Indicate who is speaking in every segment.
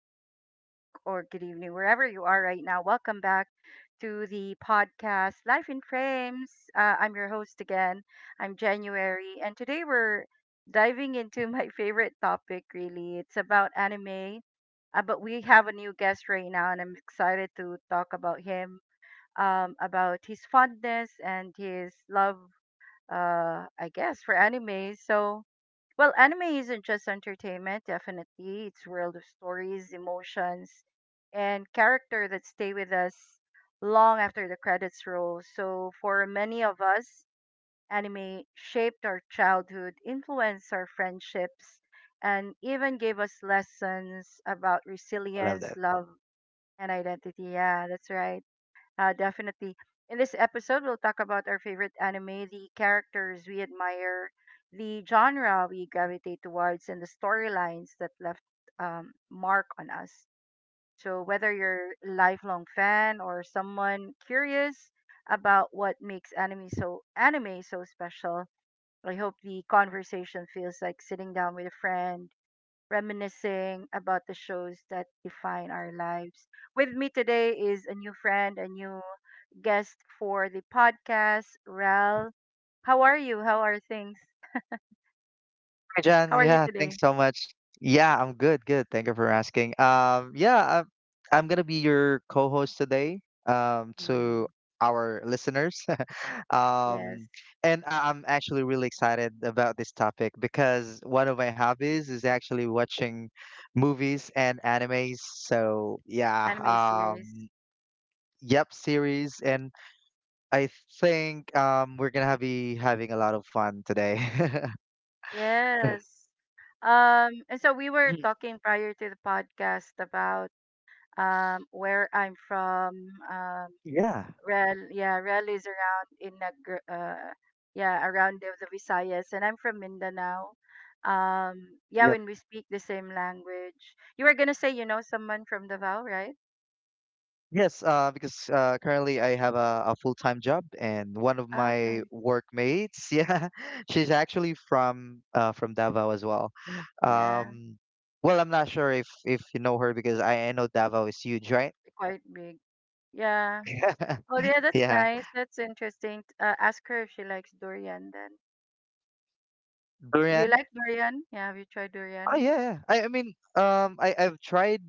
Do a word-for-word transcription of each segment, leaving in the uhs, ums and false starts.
Speaker 1: good afternoon, or good evening, wherever you are right now. Welcome back to the podcast Life in Frames. Uh, I'm your host again. I'm January, and today we're diving into my favorite topic, really. It's about anime, uh, but we have a new guest right now, and I'm excited to talk about him, um, about his fondness and his love, uh, I guess, for anime. So, well, anime isn't just entertainment, definitely. It's world of stories, emotions, and character that stay with us long after the credits roll. So, for many of us, anime shaped our childhood, influenced our friendships, and even gave us lessons about
Speaker 2: Love
Speaker 1: resilience,
Speaker 2: that.
Speaker 1: love, and identity. Yeah, that's right. Uh, definitely. In this episode, we'll talk about our favorite anime, the characters we admire, the genre we gravitate towards, and the storylines that left um, mark on us. So, whether you're a lifelong fan or someone curious about what makes anime so anime so special, I hope the conversation feels like sitting down with a friend reminiscing about the shows that define our lives. With me today is a new friend, a new guest for the podcast, Rel. How are you? How are things?
Speaker 2: Hi, John.
Speaker 1: How are you
Speaker 2: Yeah,
Speaker 1: today?
Speaker 2: thanks so much. Yeah, I'm good, good. Thank you for asking. Um, yeah, I'm, I'm gonna be your co-host today, um,
Speaker 1: Mm,
Speaker 2: to our listeners.
Speaker 1: yes,
Speaker 2: Um, and I- I'm actually really excited about this topic because one of my hobbies is actually watching movies and animes. So yeah,
Speaker 1: anime series.
Speaker 2: um, yep, series, and I think um, we're gonna have be having a lot of fun today.
Speaker 1: Yes. Um, and so we were
Speaker 2: Mm.
Speaker 1: talking prior to the podcast about um, where I'm from. um,
Speaker 2: Yeah.
Speaker 1: Rel, yeah, Rel is around in Nag- uh, yeah, around the, the Visayas, and I'm from Mindanao. Um, yeah,
Speaker 2: Yep.
Speaker 1: when we speak the same language, you were gonna say you know someone from Davao, right?
Speaker 2: Yes, uh, because uh, currently I have a, a full-time job, and one of
Speaker 1: Ah,
Speaker 2: my
Speaker 1: okay,
Speaker 2: workmates, yeah, she's actually from uh, from Davao as well.
Speaker 1: yeah,
Speaker 2: Um, well, I'm not sure if if you know her because I, I know Davao is huge, right?
Speaker 1: they're quite big. Yeah. Oh, yeah, that's
Speaker 2: Yeah,
Speaker 1: nice. That's interesting. Uh, ask her if she likes durian then. Do you
Speaker 2: durian.
Speaker 1: like durian? Yeah, have you tried
Speaker 2: Oh,
Speaker 1: durian?
Speaker 2: yeah, yeah. I I mean, um, I I've tried,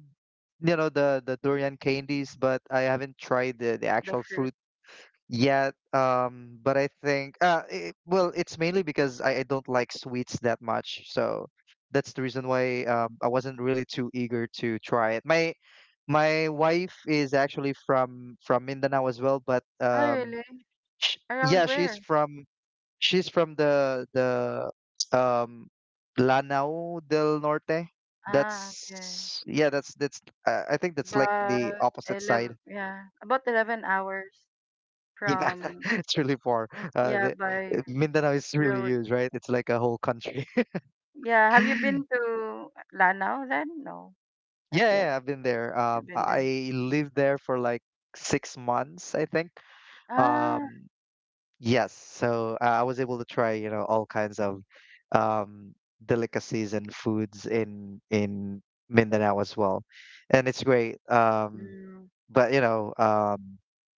Speaker 2: you know, the the durian candies, but I haven't tried the the
Speaker 1: The
Speaker 2: actual
Speaker 1: fruit.
Speaker 2: fruit. Yeah, um, but I think uh it, well, it's mainly because I, I don't like sweets that much, so that's the reason why um I wasn't really too eager to try it. My my wife is actually from from Mindanao as well, but
Speaker 1: Oh,
Speaker 2: um
Speaker 1: really?
Speaker 2: sh
Speaker 1: Around
Speaker 2: yeah, she's
Speaker 1: where?
Speaker 2: from she's from the the um Lanao del Norte.
Speaker 1: Ah, okay.
Speaker 2: That's Yeah, that's that's uh, I think that's like the
Speaker 1: About
Speaker 2: opposite side.
Speaker 1: eleven, yeah, about eleven hours.
Speaker 2: Yeah,
Speaker 1: From
Speaker 2: it's really far. Uh, the,
Speaker 1: yeah, by
Speaker 2: uh, Mindanao is really
Speaker 1: road.
Speaker 2: huge, right? It's like a whole country.
Speaker 1: Yeah, have you been to Lanao then? No, not
Speaker 2: Yeah,
Speaker 1: yet.
Speaker 2: yeah, I've been there. Um,
Speaker 1: You've been there.
Speaker 2: I lived there for like six months, I think. Um,
Speaker 1: Ah,
Speaker 2: yes, so uh, I was able to try, you know, all kinds of um, delicacies and foods in in Mindanao as well, and it's great. Um,
Speaker 1: mm,
Speaker 2: but you know, um,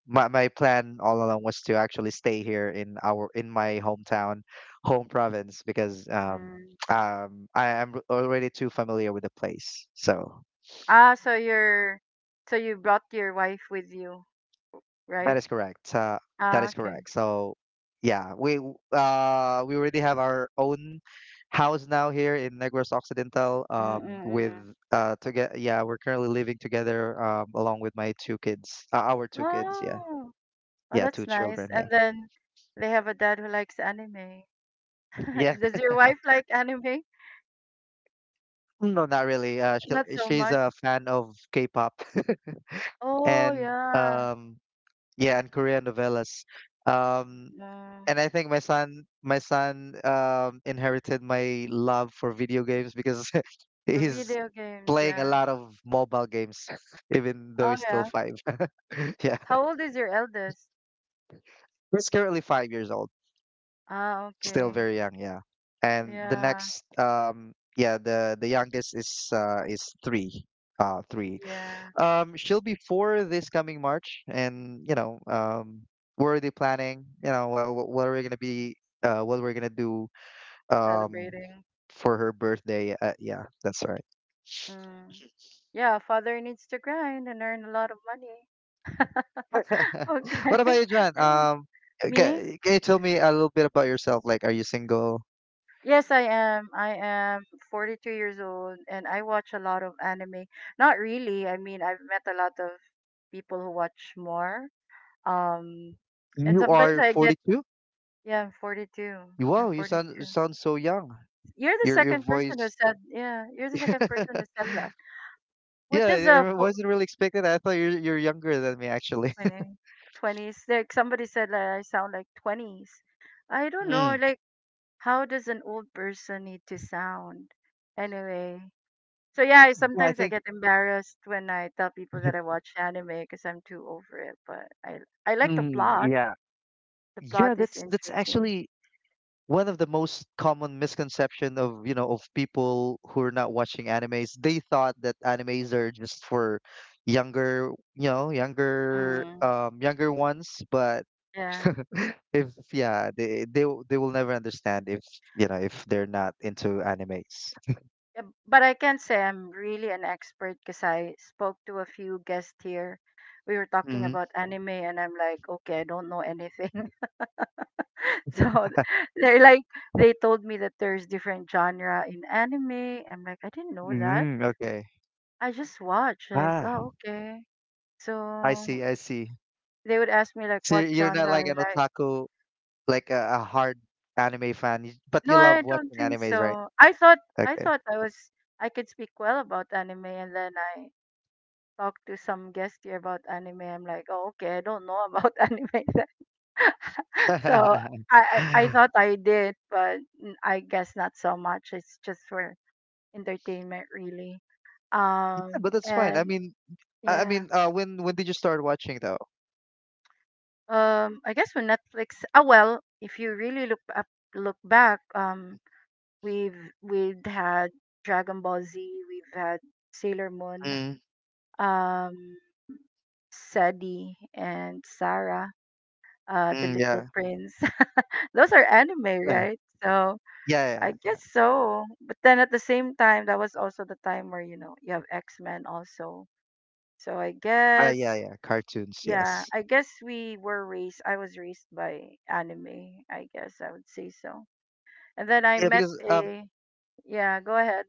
Speaker 2: my my plan all along was to actually stay here in our in my hometown, home province because um,
Speaker 1: mm.
Speaker 2: um, I am already too familiar with the place. So
Speaker 1: Ah, so you're so you brought your wife with you,
Speaker 2: that
Speaker 1: right?
Speaker 2: is correct. Uh, that
Speaker 1: Ah,
Speaker 2: is
Speaker 1: okay.
Speaker 2: correct. So yeah, we w- uh we already have our own house now here in Negros Occidental. Um, with
Speaker 1: Mm-mm-mm.
Speaker 2: uh together, yeah, we're currently living together um along with my two kids, uh, our two kids. Yeah,
Speaker 1: Oh, oh,
Speaker 2: yeah,
Speaker 1: that's
Speaker 2: two
Speaker 1: nice.
Speaker 2: children.
Speaker 1: And
Speaker 2: Yeah,
Speaker 1: then they have a dad who likes anime.
Speaker 2: yeah.
Speaker 1: Does your wife like anime?
Speaker 2: No, not really. Uh,
Speaker 1: Not
Speaker 2: she,
Speaker 1: so
Speaker 2: she's
Speaker 1: much.
Speaker 2: a fan of K-pop,
Speaker 1: Oh
Speaker 2: and
Speaker 1: yeah.
Speaker 2: um, yeah, and Korean novellas. Um,
Speaker 1: Mm,
Speaker 2: and I think my son, my son, um, inherited my love for video games because he's
Speaker 1: video games,
Speaker 2: playing a
Speaker 1: yeah.
Speaker 2: lot of mobile games, even though
Speaker 1: Oh
Speaker 2: he's still
Speaker 1: yeah.
Speaker 2: five. Yeah,
Speaker 1: How old is your eldest?
Speaker 2: he's currently five years old,
Speaker 1: Ah,
Speaker 2: still
Speaker 1: okay.
Speaker 2: very young. Yeah, and the
Speaker 1: Yeah,
Speaker 2: next, um, yeah, the the youngest is uh is three, uh, three.
Speaker 1: yeah.
Speaker 2: Um, she'll be four this coming March, and you know, um, we're already planning. You know, uh, wh- what are we gonna be? Uh, what we're gonna do? Um,
Speaker 1: Celebrating.
Speaker 2: for her birthday. Uh, yeah, that's right.
Speaker 1: Mm. Yeah, father needs to grind and earn a lot of money. Okay.
Speaker 2: What about you, John? Um,
Speaker 1: Me?
Speaker 2: can, can you tell me a little bit about yourself? Like, are you single?
Speaker 1: Yes, I am. I am forty-two years old and I watch a lot of anime. Not really. I mean, I've met a lot of people who watch more. Um, and
Speaker 2: You
Speaker 1: sometimes
Speaker 2: are
Speaker 1: I get,
Speaker 2: forty-two?
Speaker 1: yeah, I'm forty-two. I'm
Speaker 2: Wow, you sound
Speaker 1: forty-two.
Speaker 2: you sound so young.
Speaker 1: You're the
Speaker 2: Your your
Speaker 1: second person who
Speaker 2: voice.
Speaker 1: said, yeah, you're the second person who said. What
Speaker 2: Yeah,
Speaker 1: does a
Speaker 2: it
Speaker 1: fo-
Speaker 2: wasn't really expected. I thought you're you're younger than me, actually.
Speaker 1: twenty, twenties, like? Somebody said that I sound like twenties. I don't know.
Speaker 2: Mm.
Speaker 1: Like, how does an old person need to sound? Anyway, so yeah, I,
Speaker 2: I
Speaker 1: sometimes I
Speaker 2: think.
Speaker 1: get embarrassed when I tell people that I watch anime because I'm too over it. But I I like the
Speaker 2: Mm,
Speaker 1: plot.
Speaker 2: yeah.
Speaker 1: The
Speaker 2: Yeah,
Speaker 1: plot is
Speaker 2: that's that's
Speaker 1: interesting.
Speaker 2: actually one of the most common misconception of, you know, of people who are not watching animes. They thought that animes are just for younger, you know, younger
Speaker 1: Mm,
Speaker 2: um younger ones, but
Speaker 1: yeah.
Speaker 2: if yeah, they they will- they will never understand if, you know, if they're not into animes.
Speaker 1: Yeah, but I can't say I'm really an expert because I spoke to a few guests here. We were talking
Speaker 2: Mm,
Speaker 1: about anime, and I'm like, okay, I don't know anything. So they're like they told me that there's different genre in anime. I'm like, I didn't know that.
Speaker 2: mm, okay.
Speaker 1: I just watch like,
Speaker 2: Ah,
Speaker 1: oh okay.
Speaker 2: I
Speaker 1: So
Speaker 2: see, I see.
Speaker 1: they would ask me like
Speaker 2: So
Speaker 1: what
Speaker 2: you're not
Speaker 1: genre I
Speaker 2: like an
Speaker 1: like.
Speaker 2: otaku, like a, a hard anime fan, you- but
Speaker 1: No,
Speaker 2: you
Speaker 1: I
Speaker 2: love
Speaker 1: don't
Speaker 2: watching
Speaker 1: think
Speaker 2: animes, right?
Speaker 1: so. I thought I
Speaker 2: Okay.
Speaker 1: thought I was I could speak well about anime and then I talked to some guest here about anime. I'm like, oh okay, I don't know about anime. Then. So I, I I thought I did, but mm, I guess not so much. It's just for entertainment really.
Speaker 2: Yeah,
Speaker 1: Um
Speaker 2: but that's fine. I
Speaker 1: and
Speaker 2: mean, I I
Speaker 1: yeah.
Speaker 2: mean, uh, when when did you start watching though?
Speaker 1: Um I guess when Netflix ah well, if you really look up look back, um we've we've had Dragon Ball Z, we've had Sailor Moon,
Speaker 2: Mm,
Speaker 1: um Sadi and Sarah, uh The
Speaker 2: mm,
Speaker 1: Little
Speaker 2: yeah,
Speaker 1: Prince. Those are anime,
Speaker 2: yeah,
Speaker 1: right? So
Speaker 2: yeah, yeah,
Speaker 1: I
Speaker 2: yeah,
Speaker 1: guess so. But then at the same time, that was also the time where, you know, you have X Men also. So I
Speaker 2: uh, yeah,
Speaker 1: guess
Speaker 2: yeah. Cartoons,
Speaker 1: yeah,
Speaker 2: yes.
Speaker 1: I guess we were raised. I was raised by anime. I guess I would say so. And then I
Speaker 2: Yeah,
Speaker 1: met
Speaker 2: because um,
Speaker 1: a. Yeah, go ahead.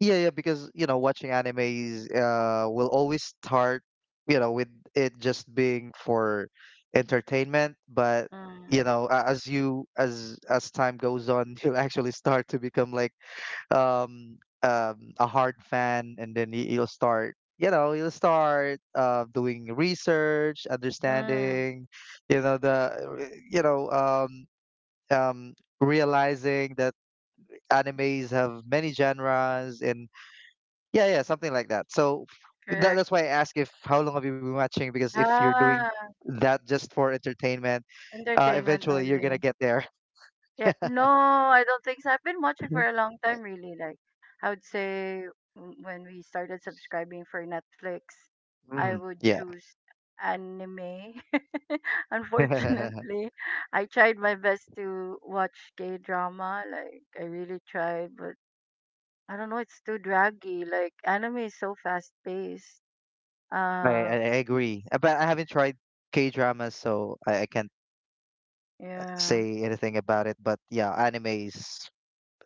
Speaker 2: yeah, yeah, because you know, watching animes uh will always start, you know, with it just being for entertainment, but you
Speaker 1: Mm,
Speaker 2: know, a- as you as as time goes on, you'll actually start to become like um um a hard fan. And then you, you'll start you know you'll start uh doing research,
Speaker 1: mm,
Speaker 2: understanding you know the you know um um realizing that animes have many genres, and yeah, yeah, something like that. So that,
Speaker 1: correct.
Speaker 2: that's why I ask if how long have you been watching, because if you're doing
Speaker 1: Ah,
Speaker 2: that just for entertainment, uh
Speaker 1: entertainment
Speaker 2: eventually you're gonna
Speaker 1: only.
Speaker 2: get there.
Speaker 1: Yeah, no, I don't think so. I've been watching for a long time, really. Like, I would say w- when we started subscribing for Netflix, I
Speaker 2: Mm,
Speaker 1: would
Speaker 2: yeah.
Speaker 1: choose anime. Unfortunately, I tried my best to watch K drama. Like, I really tried, but I don't know, it's too draggy. Like, anime is so fast paced.
Speaker 2: Right, I,
Speaker 1: Um,
Speaker 2: I agree. Uh, But I haven't tried K dramas, so I, I can't
Speaker 1: yeah.
Speaker 2: say anything about it. But yeah, animes,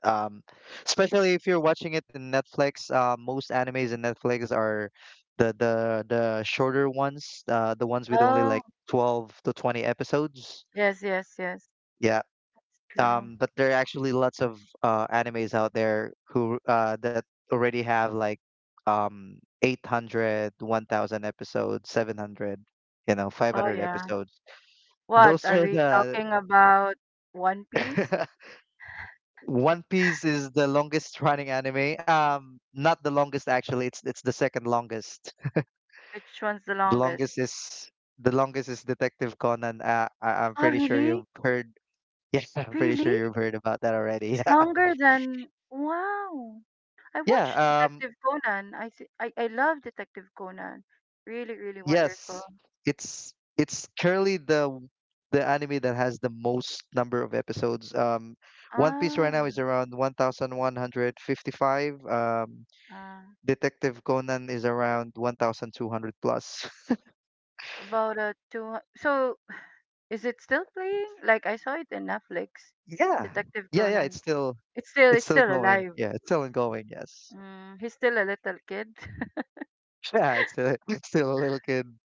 Speaker 2: um, especially if you're watching it in Netflix, uh, most animes in Netflix are the the the shorter ones, uh, the ones with only
Speaker 1: Oh,
Speaker 2: like twelve to twenty episodes.
Speaker 1: yes, yes, yes.
Speaker 2: Yeah.
Speaker 1: That's true.
Speaker 2: Um, but there are actually lots of uh, animes out there who uh, that already have like um eight hundred, one thousand episodes, seven hundred, you know
Speaker 1: Oh,
Speaker 2: five hundred
Speaker 1: yeah.
Speaker 2: episodes.
Speaker 1: What
Speaker 2: Those
Speaker 1: are
Speaker 2: are
Speaker 1: we
Speaker 2: the
Speaker 1: talking about? One Piece?
Speaker 2: One Piece is the longest running anime. Um, not the longest actually. It's it's the second longest.
Speaker 1: Which one's the
Speaker 2: The longest
Speaker 1: longest?
Speaker 2: is the longest is Detective Conan. Uh, I, I'm
Speaker 1: Oh,
Speaker 2: pretty sure
Speaker 1: really?
Speaker 2: you've heard. Yeah, I'm pretty sure
Speaker 1: Really?
Speaker 2: you've heard about that already.
Speaker 1: It's longer than. Wow. I watched
Speaker 2: Yeah. Um.
Speaker 1: Detective Conan. I, th- I I love Detective Conan. Really, really wonderful.
Speaker 2: Yes. It's it's currently the the anime that has the most number of episodes. Um, One Piece right now is
Speaker 1: Ah,
Speaker 2: around one thousand one hundred fifty-five. Um,
Speaker 1: ah.
Speaker 2: Detective Conan is around one thousand two hundred plus.
Speaker 1: About a two. So, is it still playing? Like I saw it in Netflix.
Speaker 2: Yeah.
Speaker 1: Detective
Speaker 2: Yeah, yeah, it's
Speaker 1: Conan.
Speaker 2: still
Speaker 1: It's still
Speaker 2: it's
Speaker 1: it's
Speaker 2: still
Speaker 1: still
Speaker 2: going.
Speaker 1: alive.
Speaker 2: Yeah, it's still ongoing, yes.
Speaker 1: Mm, he's still a little kid.
Speaker 2: Yeah, it's still, it's still a little kid.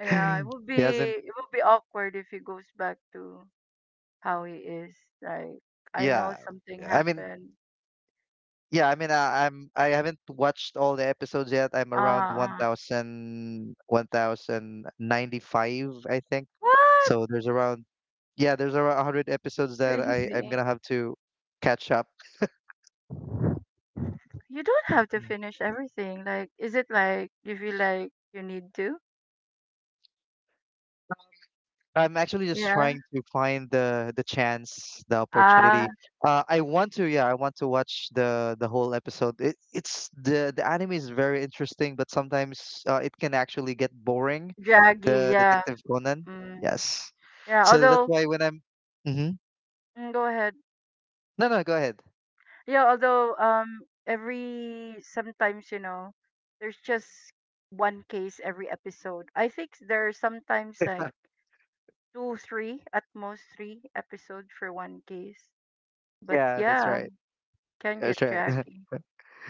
Speaker 1: Yeah, it would be
Speaker 2: He hasn't,
Speaker 1: it would be awkward if he goes back to how he is. Like I know
Speaker 2: yeah.
Speaker 1: something
Speaker 2: Yeah. I mean,
Speaker 1: happened.
Speaker 2: yeah, I mean I, I'm I haven't watched all the episodes yet. I'm around
Speaker 1: Ah,
Speaker 2: one thousand, one thousand ninety-five, I think.
Speaker 1: what?
Speaker 2: So there's around, yeah, there's around one hundred episodes that I I'm
Speaker 1: Crazy.
Speaker 2: gonna have to catch up.
Speaker 1: You don't have to finish everything. Like is it like you feel like you need to?
Speaker 2: I'm actually just
Speaker 1: Yeah.
Speaker 2: trying to find the the chance, the
Speaker 1: Ah,
Speaker 2: opportunity. Uh, I want to, yeah, I want to watch the the whole episode. It, it's The the anime is very interesting, but sometimes uh, it can actually get boring.
Speaker 1: draggy,
Speaker 2: The
Speaker 1: yeah.
Speaker 2: Detective Conan,
Speaker 1: Mm.
Speaker 2: yes.
Speaker 1: Yeah,
Speaker 2: So that's
Speaker 1: although
Speaker 2: why when I'm. Mm-hmm.
Speaker 1: mm, go ahead.
Speaker 2: No, no, go ahead.
Speaker 1: Yeah, although um every sometimes, you know, there's just one case every episode. I think there are sometimes like two, three, at most three episode for one case. But
Speaker 2: Yeah, that's
Speaker 1: yeah,
Speaker 2: right.
Speaker 1: can
Speaker 2: That's
Speaker 1: get
Speaker 2: right.
Speaker 1: draggy.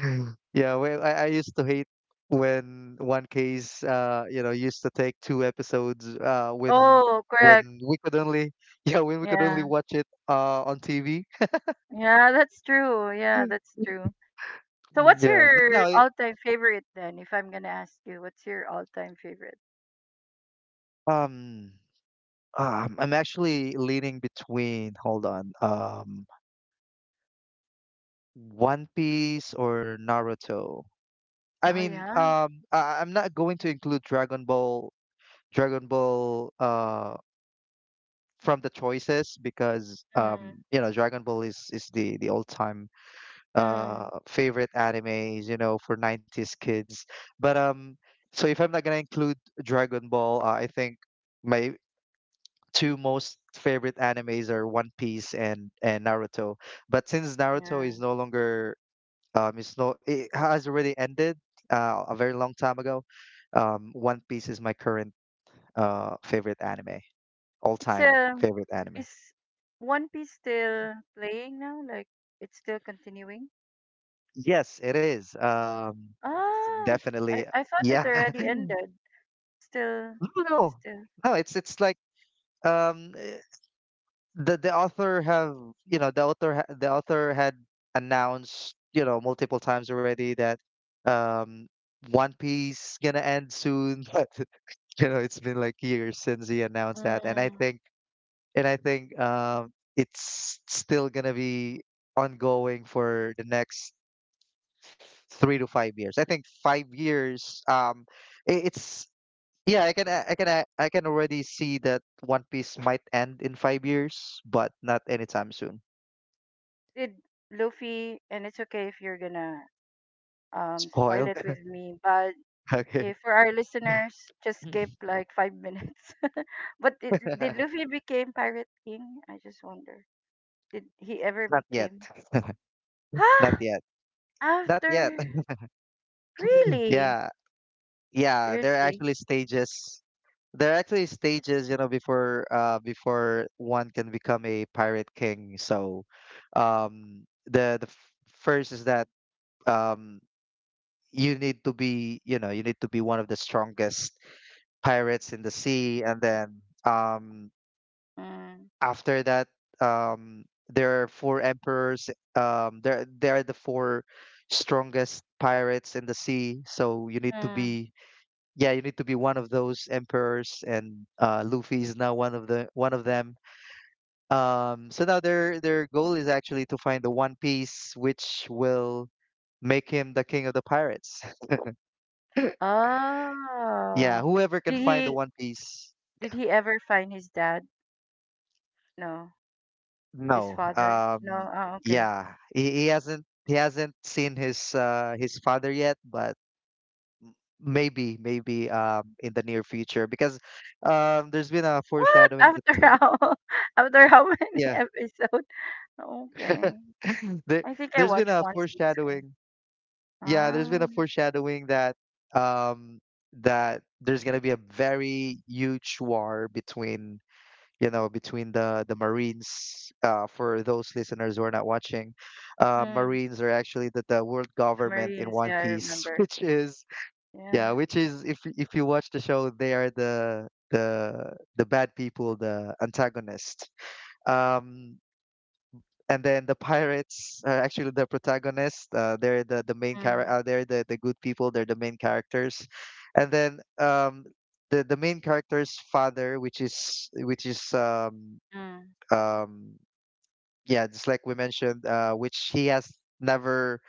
Speaker 2: Yeah, well, I, I used to hate when one case, uh, you know, used to take two episodes, uh, when
Speaker 1: Oh,
Speaker 2: when
Speaker 1: correct.
Speaker 2: we could only, yeah, when we could only
Speaker 1: Yeah.
Speaker 2: watch it, uh, on T V.
Speaker 1: Yeah, that's true. Yeah,
Speaker 2: Mm.
Speaker 1: that's true. So what's
Speaker 2: Yeah, but now,
Speaker 1: your
Speaker 2: I-
Speaker 1: all-time favorite then, if I'm gonna ask you, what's your all-time favorite?
Speaker 2: um, um, I'm actually leaning between, hold on, um, One Piece or Naruto. I
Speaker 1: Oh
Speaker 2: mean,
Speaker 1: yeah.
Speaker 2: um, I, I'm not going to include Dragon Ball. Dragon Ball, uh, from the choices, because um
Speaker 1: Mm,
Speaker 2: you know Dragon Ball is is the the old time uh
Speaker 1: mm,
Speaker 2: favorite animes, you know for nineties kids. But um so if I'm not gonna include Dragon Ball, uh, I think my two most favorite animes are One Piece and and Naruto. But since Naruto
Speaker 1: yeah.
Speaker 2: is no longer um it's no it has already ended uh, a very long time ago. um One Piece is my current uh favorite anime, all
Speaker 1: It's
Speaker 2: time
Speaker 1: um
Speaker 2: favorite anime.
Speaker 1: is One Piece still playing now? Like it's still continuing?
Speaker 2: Yes, it is. Um,
Speaker 1: Ah,
Speaker 2: definitely.
Speaker 1: I I thought
Speaker 2: Yeah.
Speaker 1: it already ended. Still,
Speaker 2: No,
Speaker 1: it's
Speaker 2: no,
Speaker 1: still.
Speaker 2: no. It's it's like um, eh, the the author have you know the author ha- the author had announced, you know multiple times already that, um, One Piece gonna end soon, but you know it's been like years since he announced that. And I
Speaker 1: Mm,
Speaker 2: think and I think um, it's still gonna be ongoing for the next three to five years. I think five years. Um, I- it's yeah. I can a- I can a- I can already see that One Piece might end in five years, but not anytime soon.
Speaker 1: did Luffy, and it's okay if you're gonna um spoil
Speaker 2: Spoil.
Speaker 1: it with me. But
Speaker 2: Okay.
Speaker 1: if for our listeners, just skip like five minutes. But did, did Luffy became Pirate King? I just wonder. Did he ever
Speaker 2: Not yet.
Speaker 1: became?
Speaker 2: Not
Speaker 1: Huh?
Speaker 2: yet. Not yet.
Speaker 1: After really?
Speaker 2: Yeah. Yeah. There are
Speaker 1: Seriously?
Speaker 2: actually stages. There are actually stages, you know, before uh before one can become a pirate king. So, um, the the f- first is that um you need to be, you know you need to be one of the strongest pirates in the sea, and then um
Speaker 1: Mm.
Speaker 2: after that, um there are four emperors. Um there They are the four strongest pirates in the sea, so you need to
Speaker 1: Mm.
Speaker 2: be, yeah you need to be one of those emperors. And uh Luffy is now one of the one of them. Um so now their their goal is actually to find the one piece, which will make him the king of the pirates. Yeah,
Speaker 1: Oh.
Speaker 2: whoever can
Speaker 1: Did
Speaker 2: find the
Speaker 1: he
Speaker 2: one piece.
Speaker 1: did he ever find his dad? No. His
Speaker 2: No.
Speaker 1: father?
Speaker 2: Um,
Speaker 1: No. Oh, okay.
Speaker 2: yeah, he, he hasn't he hasn't seen his uh, his father yet, but maybe maybe um, in the near future, because um, there's been a
Speaker 1: What?
Speaker 2: foreshadowing that,
Speaker 1: After how after how many
Speaker 2: yeah.
Speaker 1: episodes? Okay.
Speaker 2: there
Speaker 1: I think I
Speaker 2: there's been
Speaker 1: watched
Speaker 2: a
Speaker 1: one season.
Speaker 2: foreshadowing, yeah there's
Speaker 1: Ah,
Speaker 2: been a foreshadowing that, um, that there's gonna be a very huge war between, you know, between the the Marines. Uh, for those listeners who are not watching, uh,
Speaker 1: mm,
Speaker 2: Marines are actually the, the world
Speaker 1: the
Speaker 2: government in
Speaker 1: Marines.
Speaker 2: One
Speaker 1: Yeah, I
Speaker 2: Piece,
Speaker 1: remember.
Speaker 2: which is
Speaker 1: Yeah.
Speaker 2: yeah, which is if y- if you watch the show, they are the the the bad people, the antagonist. Um, and then the pirates are actually the protagonist. Uh, they're the the main character.
Speaker 1: Mm,
Speaker 2: Uh, they're the the good people. They're the main characters. And then um, the the main character's father, which is which is um
Speaker 1: mm.
Speaker 2: um yeah, just like we mentioned, uh which he has never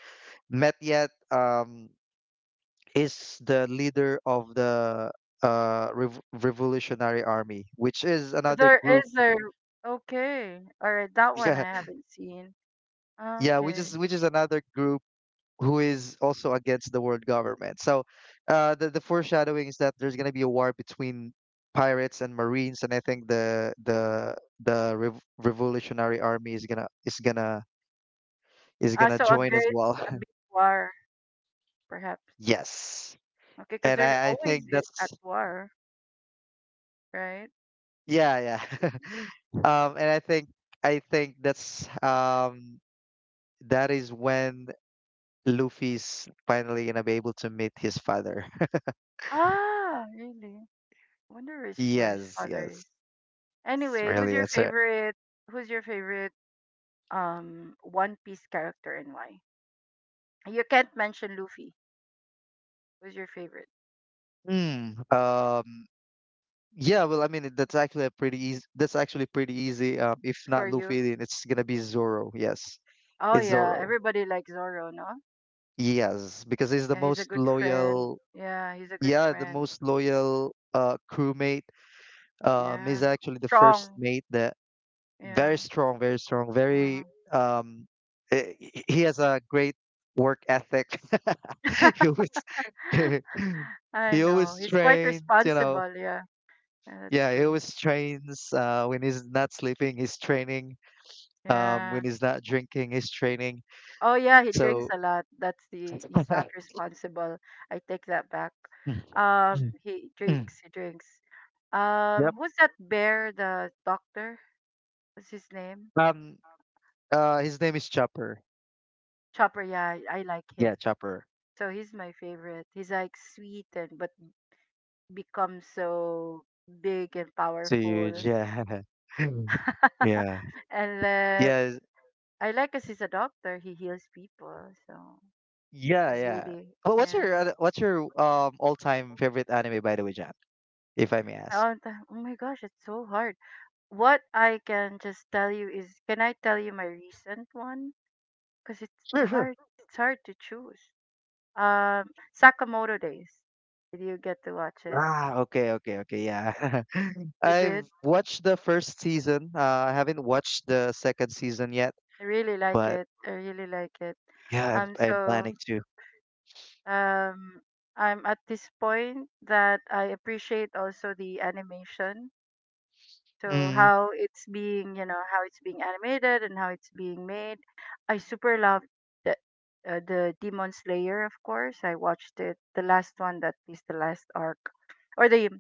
Speaker 2: met yet, um is the leader of the uh Rev- revolutionary army, which is another
Speaker 1: There
Speaker 2: group.
Speaker 1: is a okay. All right, that one
Speaker 2: yeah
Speaker 1: I haven't seen. Ah,
Speaker 2: yeah which
Speaker 1: okay.
Speaker 2: is which is another group who is also against the world government. So uh the, the foreshadowing is that there's going to be a war between pirates and marines, and I think the the the Rev- revolutionary army is gonna is gonna is
Speaker 1: Ah,
Speaker 2: gonna
Speaker 1: so a
Speaker 2: join as
Speaker 1: great
Speaker 2: well.
Speaker 1: a big war, perhaps.
Speaker 2: Yes,
Speaker 1: Okay, because
Speaker 2: and
Speaker 1: they're
Speaker 2: I, I think
Speaker 1: always I- at
Speaker 2: that's
Speaker 1: war, right?
Speaker 2: yeah, yeah. um and I think I think that's um that is when Luffy's finally gonna be able to meet his father.
Speaker 1: Ah, really? I wonder where his, where his
Speaker 2: Yes,
Speaker 1: father is.
Speaker 2: yes. It's
Speaker 1: Anyway, who's
Speaker 2: really
Speaker 1: your
Speaker 2: it's a
Speaker 1: favorite? Who's your favorite um One Piece character and why? You can't mention Luffy. Who's your favorite
Speaker 2: mm, um yeah, well, I mean that's actually a pretty easy that's actually pretty easy. Um if
Speaker 1: for
Speaker 2: not
Speaker 1: you?
Speaker 2: Luffy, then it's gonna be Zoro, yes.
Speaker 1: Oh
Speaker 2: It's
Speaker 1: yeah,
Speaker 2: Zoro.
Speaker 1: everybody likes Zoro, no?
Speaker 2: Yes, because he's the
Speaker 1: Yeah, he's a
Speaker 2: most
Speaker 1: good friend.
Speaker 2: loyal,
Speaker 1: Yeah, he's a good
Speaker 2: yeah, the
Speaker 1: friend.
Speaker 2: most loyal uh crewmate. Um,
Speaker 1: Yeah,
Speaker 2: he's actually the first
Speaker 1: strong.
Speaker 2: mate that very
Speaker 1: Yeah.
Speaker 2: strong, very strong, very
Speaker 1: Mhm.
Speaker 2: um, eh, he he has a great work ethic. He always
Speaker 1: I
Speaker 2: he
Speaker 1: know.
Speaker 2: always
Speaker 1: He's quite
Speaker 2: trains, you know.
Speaker 1: responsible. Yeah. Yeah, that's
Speaker 2: Yeah, he
Speaker 1: true.
Speaker 2: always trains. Uh, when he's not sleeping, he's training. Um,
Speaker 1: Yeah.
Speaker 2: when he's not drinking, he's training.
Speaker 1: Oh yeah, he drinks
Speaker 2: So
Speaker 1: a lot. That's the he's not responsible. I take that back.
Speaker 2: Mm,
Speaker 1: Um,
Speaker 2: mm,
Speaker 1: he
Speaker 2: mm.
Speaker 1: drinks. He drinks. Um,
Speaker 2: Yep.
Speaker 1: who's that bear? The doctor? What's his name?
Speaker 2: Um, uh, his name is Chopper.
Speaker 1: Chopper, yeah, I like him.
Speaker 2: Yeah, Chopper.
Speaker 1: So he's my favorite. He's like sweet and but becomes so big and
Speaker 2: It's
Speaker 1: powerful.
Speaker 2: huge. Yeah. Yeah.
Speaker 1: And then
Speaker 2: Yeah.
Speaker 1: I like because he's a doctor. He heals people, so
Speaker 2: Yeah,
Speaker 1: he's
Speaker 2: yeah.
Speaker 1: really
Speaker 2: Well, what's
Speaker 1: yeah.
Speaker 2: your other- what's your um all-time favorite anime, by the way, Jan? If I may ask?
Speaker 1: Oh, th- oh my gosh, it's so hard. What I can just tell you is, can I tell you my recent one? Because it's
Speaker 2: Sure, sure.
Speaker 1: hard. It's hard to choose. Um, Sakamoto Days. Did you get to watch it?
Speaker 2: Ah, okay, okay, okay. Yeah.
Speaker 1: You
Speaker 2: I've
Speaker 1: did.
Speaker 2: watched the first season. Uh, I haven't watched the second season yet,
Speaker 1: I really like
Speaker 2: but
Speaker 1: it. I really like it.
Speaker 2: yeah, I'm
Speaker 1: Um,
Speaker 2: I'm
Speaker 1: so
Speaker 2: planning to.
Speaker 1: um, I'm at this point that I appreciate also the animation. So
Speaker 2: Mm,
Speaker 1: how it's being, you know, how it's being animated and how it's being made. I super love the uh, the Demon Slayer, of course. I watched it, the last one that is the last arc, or the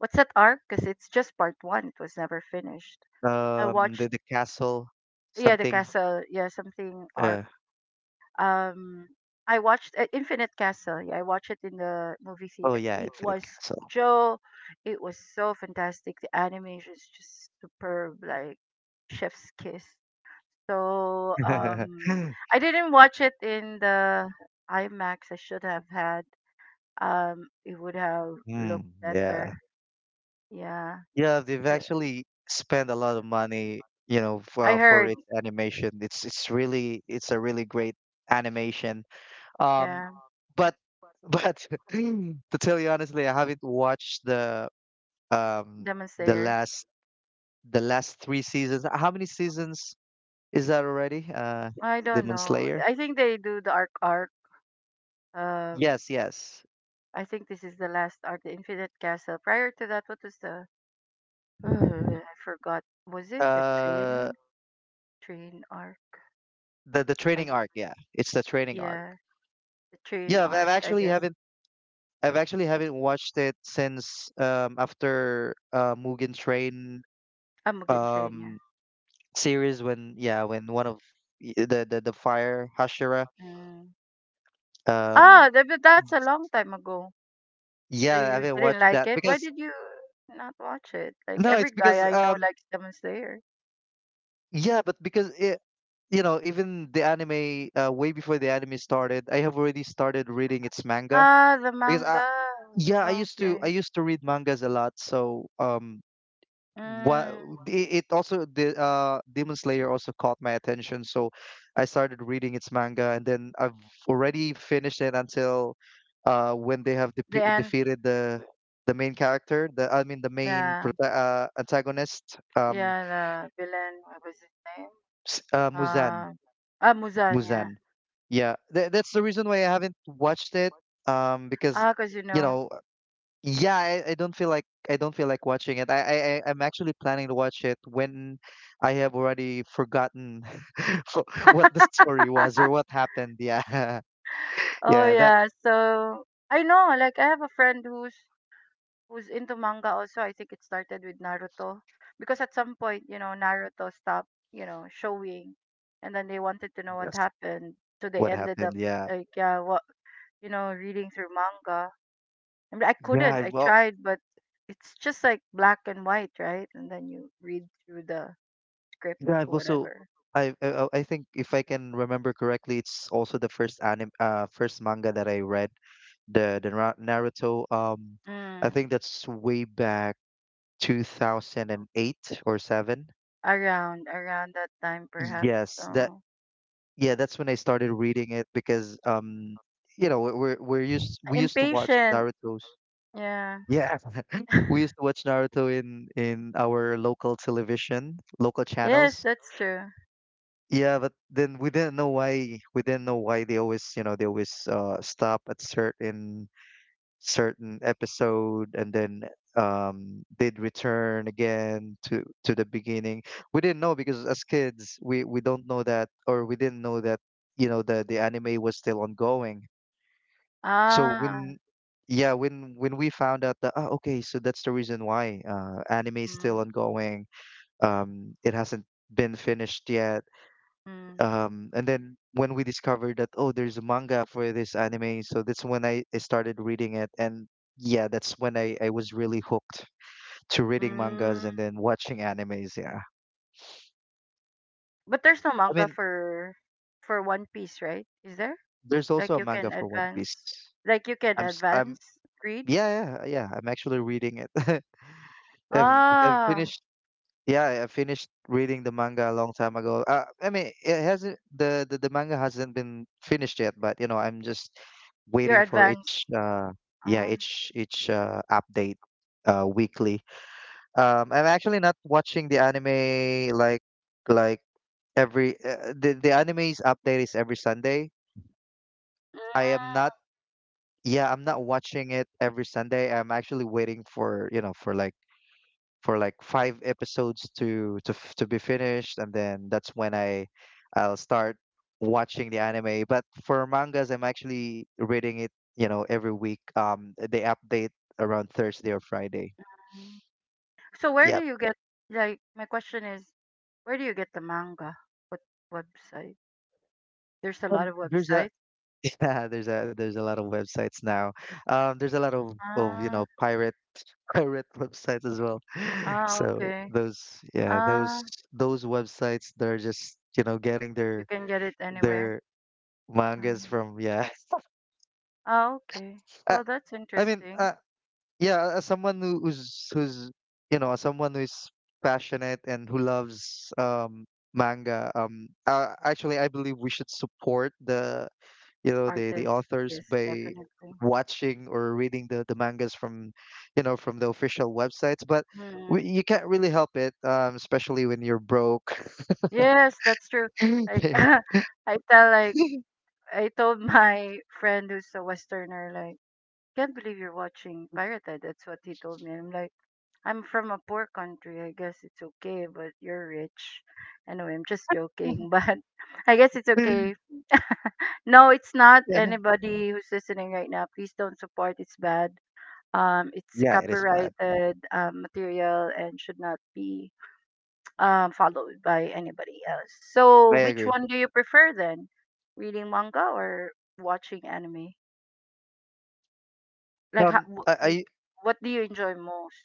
Speaker 1: what's that arc? Because it's just part one. It was never finished. I
Speaker 2: um, the
Speaker 1: watched,
Speaker 2: the castle,
Speaker 1: yeah, the
Speaker 2: something.
Speaker 1: castle, yeah, something arc.
Speaker 2: Uh,
Speaker 1: um I watched uh, Infinite Castle. Yeah, I watched it in the movie
Speaker 2: oh
Speaker 1: theater.
Speaker 2: yeah,
Speaker 1: It
Speaker 2: Infinite
Speaker 1: was
Speaker 2: Castle.
Speaker 1: Joe. It was so fantastic. The animation is just superb, like chef's kiss. So um, I didn't watch it in the IMAX. I should have had. Um, it would have
Speaker 2: Mm,
Speaker 1: looked better.
Speaker 2: yeah.
Speaker 1: Yeah,
Speaker 2: Yeah, they've
Speaker 1: uh,
Speaker 2: actually spent a lot of money, you know,
Speaker 1: I
Speaker 2: for, for
Speaker 1: heard.
Speaker 2: its animation. It's it's really it's a really great animation. Um,
Speaker 1: Yeah,
Speaker 2: but but to tell you honestly, I haven't watched the um
Speaker 1: Demon
Speaker 2: the
Speaker 1: Slayer.
Speaker 2: last the last three seasons. How many seasons is that already? Uh,
Speaker 1: I don't
Speaker 2: Demon
Speaker 1: know.
Speaker 2: Slayer?
Speaker 1: I think they do the arc arc. Um,
Speaker 2: Yes, yes.
Speaker 1: I think this is the last arc, the Infinite Castle. Prior to that, what was the? I forgot. Was it the
Speaker 2: Uh,
Speaker 1: train? Train arc?
Speaker 2: the the
Speaker 1: I
Speaker 2: training
Speaker 1: th-
Speaker 2: arc. Yeah, it's the training arc.
Speaker 1: yeah, the train
Speaker 2: Yeah, I have
Speaker 1: arc. I
Speaker 2: actually
Speaker 1: guess.
Speaker 2: haven't I've actually haven't watched it since um after uh Mugen Train
Speaker 1: Ah, Mugen Train. Yeah.
Speaker 2: um series when yeah when one of y- the the, the fire Hashira.
Speaker 1: Mm.
Speaker 2: um
Speaker 1: Ah, that, but that's a long time ago. So
Speaker 2: yeah, I
Speaker 1: you
Speaker 2: haven't
Speaker 1: didn't
Speaker 2: watched
Speaker 1: like
Speaker 2: that
Speaker 1: it. Why
Speaker 2: because
Speaker 1: did you not watch it? Like
Speaker 2: no
Speaker 1: every
Speaker 2: it's
Speaker 1: guy
Speaker 2: because
Speaker 1: I know
Speaker 2: um
Speaker 1: likes Demon Slayer.
Speaker 2: yeah but because it, you know, even the anime, uh, way before the anime started, I have already started reading its manga
Speaker 1: Ah, the
Speaker 2: because I,
Speaker 1: manga.
Speaker 2: yeah, I used to I
Speaker 1: Okay.
Speaker 2: used to read mangas a lot, so um what
Speaker 1: Mm.
Speaker 2: it it also the uh Demon Slayer also caught my attention, so I started reading its manga, and then I've already finished it until uh when they have depe
Speaker 1: The end.
Speaker 2: defeated the the main character, the I mean the main
Speaker 1: Yeah.
Speaker 2: prota uh, antagonist, um,
Speaker 1: Yeah. The villain. What was his name?
Speaker 2: s- uh, Muzan,
Speaker 1: Uh, ah, Muzanya.
Speaker 2: Muzan. Yeah, tha that's the reason why I haven't watched it, um, because
Speaker 1: Ah, cause you
Speaker 2: you
Speaker 1: know.
Speaker 2: know. Yeah, I, I don't feel like I don't feel like watching it. I, I I- I'm actually planning to watch it when I have already forgotten for what the story was or what happened. Yeah,
Speaker 1: Oh
Speaker 2: yeah, that
Speaker 1: yeah. So I know, like I have a friend who's who's into manga also. I think it started with Naruto because at some point, you know, Naruto stopped, you know, showing, and then they wanted to know what
Speaker 2: that's
Speaker 1: happened, so they
Speaker 2: what
Speaker 1: ended
Speaker 2: happened.
Speaker 1: up
Speaker 2: Yeah,
Speaker 1: like yeah, what you know, reading through manga. I mean, I
Speaker 2: yeah.
Speaker 1: couldn't. I
Speaker 2: I've al-
Speaker 1: tried, but it's just like black and white, right? And then you read through the script
Speaker 2: yeah, I've
Speaker 1: or
Speaker 2: also
Speaker 1: whatever.
Speaker 2: I, I I I think if I can remember correctly, it's also the first anime, uh first manga that I read, the the Ra- Naruto. Um, I
Speaker 1: Mm.
Speaker 2: think that's way back two thousand eight or seven.
Speaker 1: Around, around that time perhaps.
Speaker 2: Yes, that
Speaker 1: So
Speaker 2: Yeah, that's when I started reading it because um you know, we're we're we're used we used to watch
Speaker 1: impatient.
Speaker 2: Naruto's,
Speaker 1: Yeah.
Speaker 2: yeah. We used to watch Naruto in in our local television, local
Speaker 1: Yes,
Speaker 2: channels,
Speaker 1: that's true.
Speaker 2: yeah. But then we didn't know why, we didn't know why they always, you know, they always uh stop at certain certain episode, and then um, they'd return again to to the beginning. We didn't know because as kids, we we don't know that, or we didn't know that, you know, the the anime was still ongoing. So
Speaker 1: Ah.
Speaker 2: when yeah when when we found out that ah, okay, so that's the reason why, uh, anime is still
Speaker 1: Mm,
Speaker 2: ongoing. Um, it hasn't been finished yet,
Speaker 1: mm,
Speaker 2: um, and then when we discovered that, oh, there's a manga for this anime, so that's when I, I started reading it, and yeah, that's when I, I was really hooked to reading mangas
Speaker 1: mm.
Speaker 2: and then watching animes, yeah.
Speaker 1: But there's no
Speaker 2: I
Speaker 1: manga
Speaker 2: mean,
Speaker 1: for for One Piece, right? Is there?
Speaker 2: there's
Speaker 1: Like
Speaker 2: also a
Speaker 1: you can
Speaker 2: manga for One Piece.
Speaker 1: advance. Like you can
Speaker 2: I'm s- I'm
Speaker 1: advance read.
Speaker 2: yeah, yeah, yeah, I'm actually reading it. I've I've
Speaker 1: Ah,
Speaker 2: finished. Yeah, I I finished reading the manga a long time ago. Uh, I mean, it hasn't the, the the manga hasn't been finished yet, but you know, I'm just waiting
Speaker 1: you're
Speaker 2: for
Speaker 1: advanced.
Speaker 2: each uh yeah,
Speaker 1: Ah.
Speaker 2: each each uh update uh weekly. Um, I'm actually not watching the anime like like every uh, the the anime's update is every Sunday. I am not, yeah, I'm not watching it every Sunday. I'm actually waiting for, you know, for like for like five episodes to to f- to be finished, and then that's when I I'll start watching the anime. But for mangas, I'm actually reading it, you know, every week. Um, they update around Thursday or Friday.
Speaker 1: Mm. So where do
Speaker 2: Yep.
Speaker 1: you get like my question is where do you get the manga? What website? There's a lot
Speaker 2: Um,
Speaker 1: of
Speaker 2: there's a
Speaker 1: websites.
Speaker 2: yeah, there's a there's a lot of websites now. Um, there's a lot of of you
Speaker 1: Ah,
Speaker 2: know, pirate pirate websites as well.
Speaker 1: ah,
Speaker 2: So
Speaker 1: okay.
Speaker 2: those, yeah,
Speaker 1: Ah,
Speaker 2: those those websites, they're just, you know, getting
Speaker 1: you
Speaker 2: their
Speaker 1: can get it anywhere.
Speaker 2: their
Speaker 1: Ah,
Speaker 2: mangas from yeah.
Speaker 1: ah, okay. Well, that's
Speaker 2: I mean,
Speaker 1: interesting.
Speaker 2: uh, yeah, as someone who- who's who's, you know, as someone who is passionate and who loves um manga, um, uh, actually, I believe we should support the, you know, the the
Speaker 1: Artist,
Speaker 2: authors
Speaker 1: yes,
Speaker 2: by
Speaker 1: definitely.
Speaker 2: watching or reading the the mangas from, you know, from the official websites, but we,
Speaker 1: Mm.
Speaker 2: you can't really help it, um, especially when you're broke.
Speaker 1: Yes, that's true. Like, I tell, like, I told my friend who's a Westerner, like, can't believe you're watching Pirate. That's what he told me. I'm like, I'm from a poor country. I guess it's okay, but you're rich. Anyway, I'm just joking, but I guess it's okay. No, it's not
Speaker 2: Yeah.
Speaker 1: anybody who's listening right now. Please don't support. It's bad. Um, it's a
Speaker 2: Yeah, it is bad.
Speaker 1: copyrighted um, material and should not be um, followed by anybody else.
Speaker 2: I
Speaker 1: So, which
Speaker 2: agree.
Speaker 1: one do you prefer then? Reading manga or watching anime? Like, how,
Speaker 2: Um, I,
Speaker 1: wh- whi-
Speaker 2: I
Speaker 1: what do you enjoy most?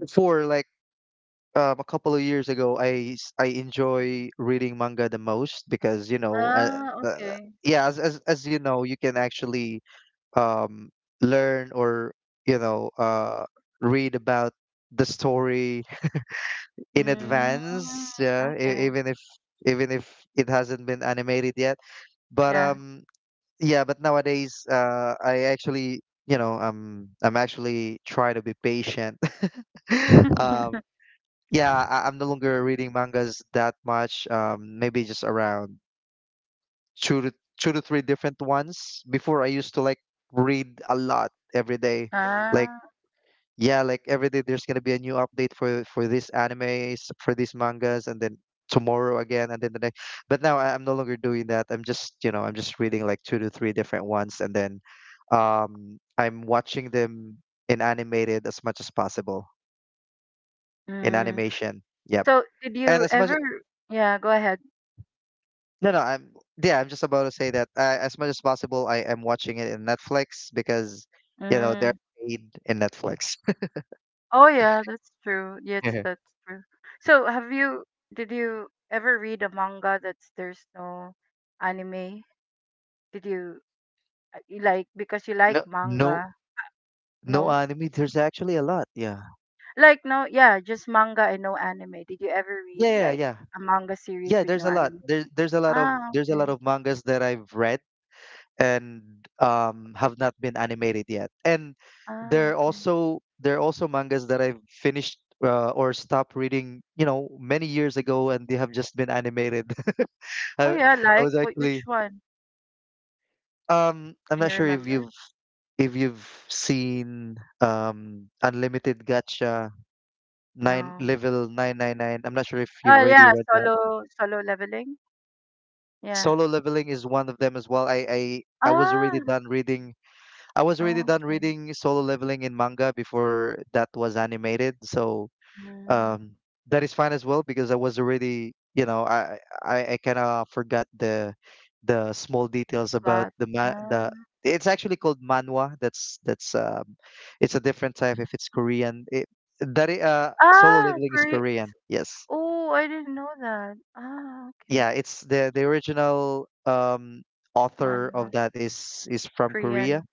Speaker 2: before, like, um, a couple of years ago, I s- I enjoy reading manga the most because, you know, uh,
Speaker 1: Ah,
Speaker 2: uh,
Speaker 1: okay.
Speaker 2: yeah, as, as as you know, you can actually um, learn or, you know, uh, read about the story in
Speaker 1: Mm,
Speaker 2: advance. Yeah, e-
Speaker 1: okay.
Speaker 2: even if even if it hasn't been animated yet. But
Speaker 1: Yeah.
Speaker 2: um, yeah, but nowadays, uh, I actually. You know, um, I'm actually trying to be patient, um, yeah, I, I'm no longer reading mangas that much. Um, maybe just around two to two to three different ones. Before I used to like read a lot every day. Like
Speaker 1: Ah.
Speaker 2: yeah, like every day there's gonna be a new update for for these animes, for these mangas, and then tomorrow again, and then the next. But now I, I'm no longer doing that. I'm just, you know, I'm just reading like two to three different ones, and then um, I'm watching them in animated as much as possible in
Speaker 1: Mm.
Speaker 2: animation. Yep,
Speaker 1: So, did
Speaker 2: and
Speaker 1: you
Speaker 2: as much.
Speaker 1: ever? Yeah, go
Speaker 2: No, no, I'm yeah, I'm just about to say that, uh, as much as possible, I am watching it in Netflix because, you know, they're
Speaker 1: ahead.
Speaker 2: paid in Netflix.
Speaker 1: Oh yeah, that's true. Yes, that's true. So, have you did you ever read a manga that's there's no anime? Did you uh, you like because you like
Speaker 2: No, no,
Speaker 1: manga?
Speaker 2: no
Speaker 1: No.
Speaker 2: anime. There's actually a lot. Yeah.
Speaker 1: Like no, yeah, just manga and no anime. Did you ever read
Speaker 2: Yeah, yeah,
Speaker 1: like
Speaker 2: yeah.
Speaker 1: a manga series
Speaker 2: Yeah,
Speaker 1: with
Speaker 2: there's
Speaker 1: no
Speaker 2: a lot.
Speaker 1: anime?
Speaker 2: There's there's a lot of
Speaker 1: Ah,
Speaker 2: there's a lot
Speaker 1: okay.
Speaker 2: of mangas that I've read and um have not been animated yet. And
Speaker 1: Ah,
Speaker 2: there are
Speaker 1: okay.
Speaker 2: also there are also mangas that I've finished, uh, or stopped reading, you know, many years ago, and they have just been animated.
Speaker 1: Oh
Speaker 2: I,
Speaker 1: yeah,
Speaker 2: I
Speaker 1: like
Speaker 2: was
Speaker 1: wh- which
Speaker 2: actually.
Speaker 1: one?
Speaker 2: Um, I'm
Speaker 1: Can
Speaker 2: not
Speaker 1: you
Speaker 2: sure if
Speaker 1: remember?
Speaker 2: you've if you've seen um Unlimited Gacha nine
Speaker 1: No.
Speaker 2: level nine nine nine. I'm not sure if you've
Speaker 1: Oh
Speaker 2: already
Speaker 1: yeah,
Speaker 2: read that.
Speaker 1: solo solo leveling. Yeah.
Speaker 2: Solo leveling is one of them as well. I I I was already
Speaker 1: Ah,
Speaker 2: done reading. I was already done
Speaker 1: okay.
Speaker 2: reading solo leveling in manga before that was animated. So
Speaker 1: Mm,
Speaker 2: um that is fine as well because I was already, you know, I I, I kind of forgot the the small details about
Speaker 1: plot.
Speaker 2: the ma the it's actually called manhwa. That's that's um it's a different type if it's Korean. it that i- uh Solo
Speaker 1: Ah,
Speaker 2: leveling is
Speaker 1: Kore
Speaker 2: Korean, yes.
Speaker 1: oh, I didn't know that. Ah,
Speaker 2: Yeah,
Speaker 1: okay.
Speaker 2: it's the the original um author
Speaker 1: Manhwa,
Speaker 2: of that is is from Korea,
Speaker 1: Korean.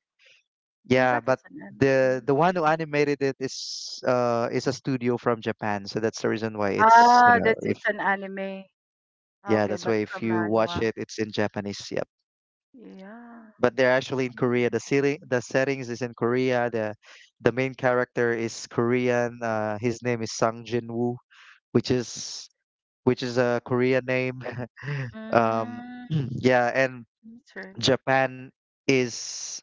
Speaker 1: I
Speaker 2: yeah.
Speaker 1: thought
Speaker 2: But
Speaker 1: it's an anime.
Speaker 2: the
Speaker 1: Mm,
Speaker 2: the one who
Speaker 1: okay.
Speaker 2: animated it is, uh is a studio from Japan, so that's the reason why it's, you
Speaker 1: Ah,
Speaker 2: know.
Speaker 1: that's it's an anime.
Speaker 2: Yeah,
Speaker 1: Okay,
Speaker 2: that's
Speaker 1: but
Speaker 2: why if
Speaker 1: from
Speaker 2: you watch
Speaker 1: manhwa.
Speaker 2: it, it's in Japanese. Yep.
Speaker 1: Yeah.
Speaker 2: But they're actually in
Speaker 1: Oh, that's
Speaker 2: Korea. The ceiling,
Speaker 1: interesting.
Speaker 2: the settings is in Korea. The the main character is Korean. Uh, his name is Sang Jin-woo, which is which is a Korean name. Um,
Speaker 1: Mm,
Speaker 2: yeah, and
Speaker 1: that's right.
Speaker 2: Japan is,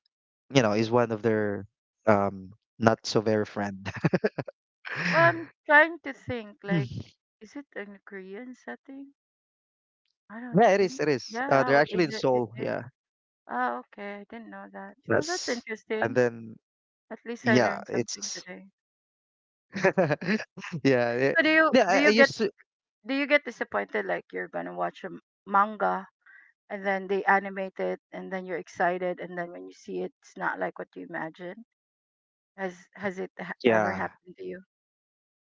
Speaker 2: you know, is one of their um not so very friend.
Speaker 1: Well, I'm trying to think, like,
Speaker 2: Mm.
Speaker 1: is it in a Korean setting? I don't
Speaker 2: Yeah, it is.
Speaker 1: think so.
Speaker 2: It is. Uh,
Speaker 1: Yeah,
Speaker 2: they're
Speaker 1: oh,
Speaker 2: actually
Speaker 1: is
Speaker 2: in
Speaker 1: it? It
Speaker 2: Seoul.
Speaker 1: is.
Speaker 2: Yeah.
Speaker 1: Oh, okay. I didn't know that. Oh, that's
Speaker 2: Yes. And
Speaker 1: interesting.
Speaker 2: then,
Speaker 1: At least I
Speaker 2: yeah,
Speaker 1: learned something
Speaker 2: it's...
Speaker 1: today.
Speaker 2: yeah, eh,
Speaker 1: So do you
Speaker 2: yeah
Speaker 1: do
Speaker 2: I, I
Speaker 1: you get
Speaker 2: used to...
Speaker 1: do you get disappointed like you're gonna watch a m- manga and then they animate it and then you're excited and then when you see it it's not like what you imagine, has has it ha- ever
Speaker 2: yeah,
Speaker 1: happened to you?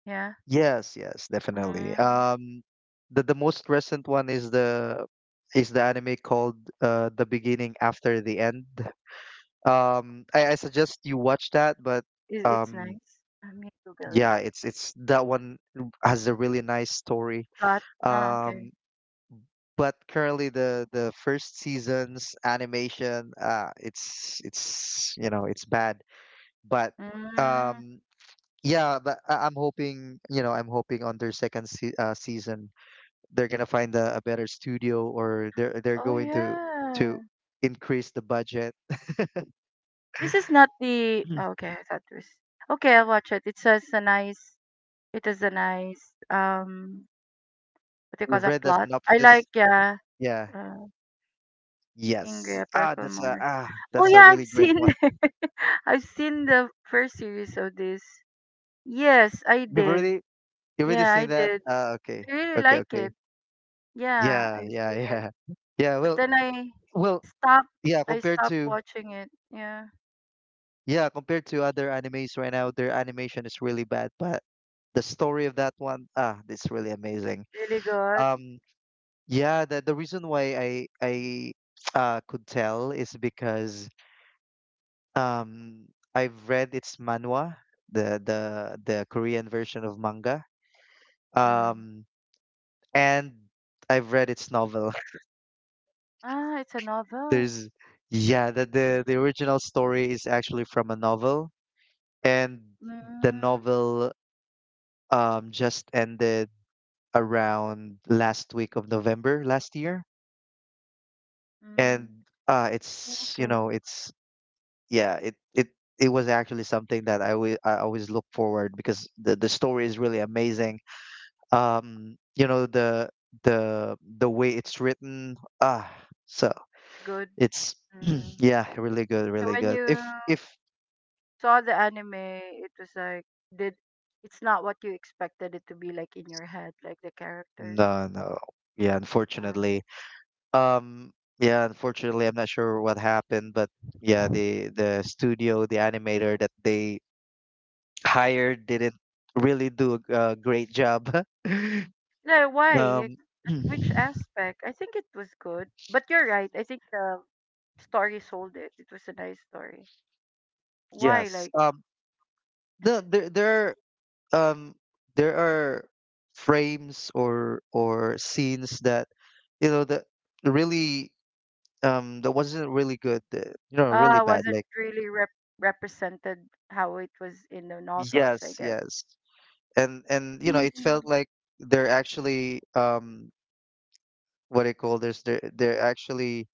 Speaker 1: Yeah,
Speaker 2: yes, yes, definitely.
Speaker 1: mm.
Speaker 2: Um the the most recent one is the is the anime called, uh The Beginning After the End. um I, I suggest you watch that, but...
Speaker 1: Is it's
Speaker 2: um
Speaker 1: nice, let me google it,
Speaker 2: yeah, it's it's that one, has a really nice story.
Speaker 1: plot, ah okay,
Speaker 2: um but currently the the first season's animation, uh it's it's you know it's bad. But...
Speaker 1: mm.
Speaker 2: um Yeah, but I- I'm hoping, you know, I'm hoping on their second se uh, season they're gonna find a, a better studio, or they're they're
Speaker 1: Oh
Speaker 2: going to to
Speaker 1: yeah,
Speaker 2: increase the budget.
Speaker 1: this is not the, oh, okay, I thought it was. Okay, I'll watch it. It says a nice, it is a nice, um, what do you call
Speaker 2: You've
Speaker 1: that
Speaker 2: read the
Speaker 1: plot, I like,
Speaker 2: synopsis?
Speaker 1: yeah.
Speaker 2: Yeah.
Speaker 1: uh,
Speaker 2: Yes.
Speaker 1: Ingrid,
Speaker 2: Ah,
Speaker 1: Purple
Speaker 2: that's a
Speaker 1: Moon.
Speaker 2: ah,
Speaker 1: Oh
Speaker 2: that's a
Speaker 1: yeah, I've
Speaker 2: really great
Speaker 1: seen
Speaker 2: one.
Speaker 1: the, I've seen the first series of this. Yes, I
Speaker 2: You've
Speaker 1: did.
Speaker 2: already you've already
Speaker 1: Yeah, I
Speaker 2: seen that?
Speaker 1: did.
Speaker 2: Ah, okay.
Speaker 1: I really
Speaker 2: Okay,
Speaker 1: like it.
Speaker 2: okay.
Speaker 1: Yeah,
Speaker 2: Yeah,
Speaker 1: I've
Speaker 2: yeah,
Speaker 1: seen it.
Speaker 2: yeah. Yeah,
Speaker 1: But
Speaker 2: well,
Speaker 1: then I
Speaker 2: well,
Speaker 1: stopped.
Speaker 2: yeah,
Speaker 1: I
Speaker 2: compared
Speaker 1: stopped
Speaker 2: to
Speaker 1: watching it. Yeah.
Speaker 2: Yeah, compared to other animes right now, their animation is really bad, but the story of that one, ah, it's really amazing.
Speaker 1: Really good.
Speaker 2: Um, yeah, the the reason why I I uh could tell is because um I've read its manhwa, the the the Korean version of manga.
Speaker 1: Mm.
Speaker 2: Um, and I've read its novel.
Speaker 1: Ah, it's a novel.
Speaker 2: There's
Speaker 1: Mm,
Speaker 2: yeah, the the the original story is actually from a novel, and the
Speaker 1: mm,
Speaker 2: novel um just ended around last week of November last year. And
Speaker 1: mm.
Speaker 2: uh it's you
Speaker 1: Okay.
Speaker 2: know it's yeah, it it it was actually something that I always I always look forward, because the the story is really amazing. Um you know the the the way it's written, ah... so
Speaker 1: It's good.
Speaker 2: it's...
Speaker 1: Mm.
Speaker 2: yeah, really good,
Speaker 1: So
Speaker 2: really
Speaker 1: when
Speaker 2: good. If
Speaker 1: you
Speaker 2: if
Speaker 1: saw the anime, it was like, did, it's not what you expected it to be like in your head, like the characters.
Speaker 2: no, no, yeah,
Speaker 1: Um,
Speaker 2: unfortunately... um yeah, unfortunately, I'm not sure what happened, but... yeah, the the studio the animator that they hired didn't really do a a great job.
Speaker 1: yeah, why? Like,
Speaker 2: Um,
Speaker 1: at which aspect? I think it was good, but you're right. I think the story sold it. It was a nice story. Why?
Speaker 2: yes.
Speaker 1: Like,
Speaker 2: Um, the, there there are, um there are frames or or scenes that, you know that really, um that wasn't really good. uh, You know, really
Speaker 1: ah,
Speaker 2: bad.
Speaker 1: wasn't
Speaker 2: Like,
Speaker 1: really rep represented how it was in the novels, I
Speaker 2: yes,
Speaker 1: guess.
Speaker 2: yes, and and you know it felt
Speaker 1: Mm.
Speaker 2: like they're actually, um what do you call this? They're they're actually,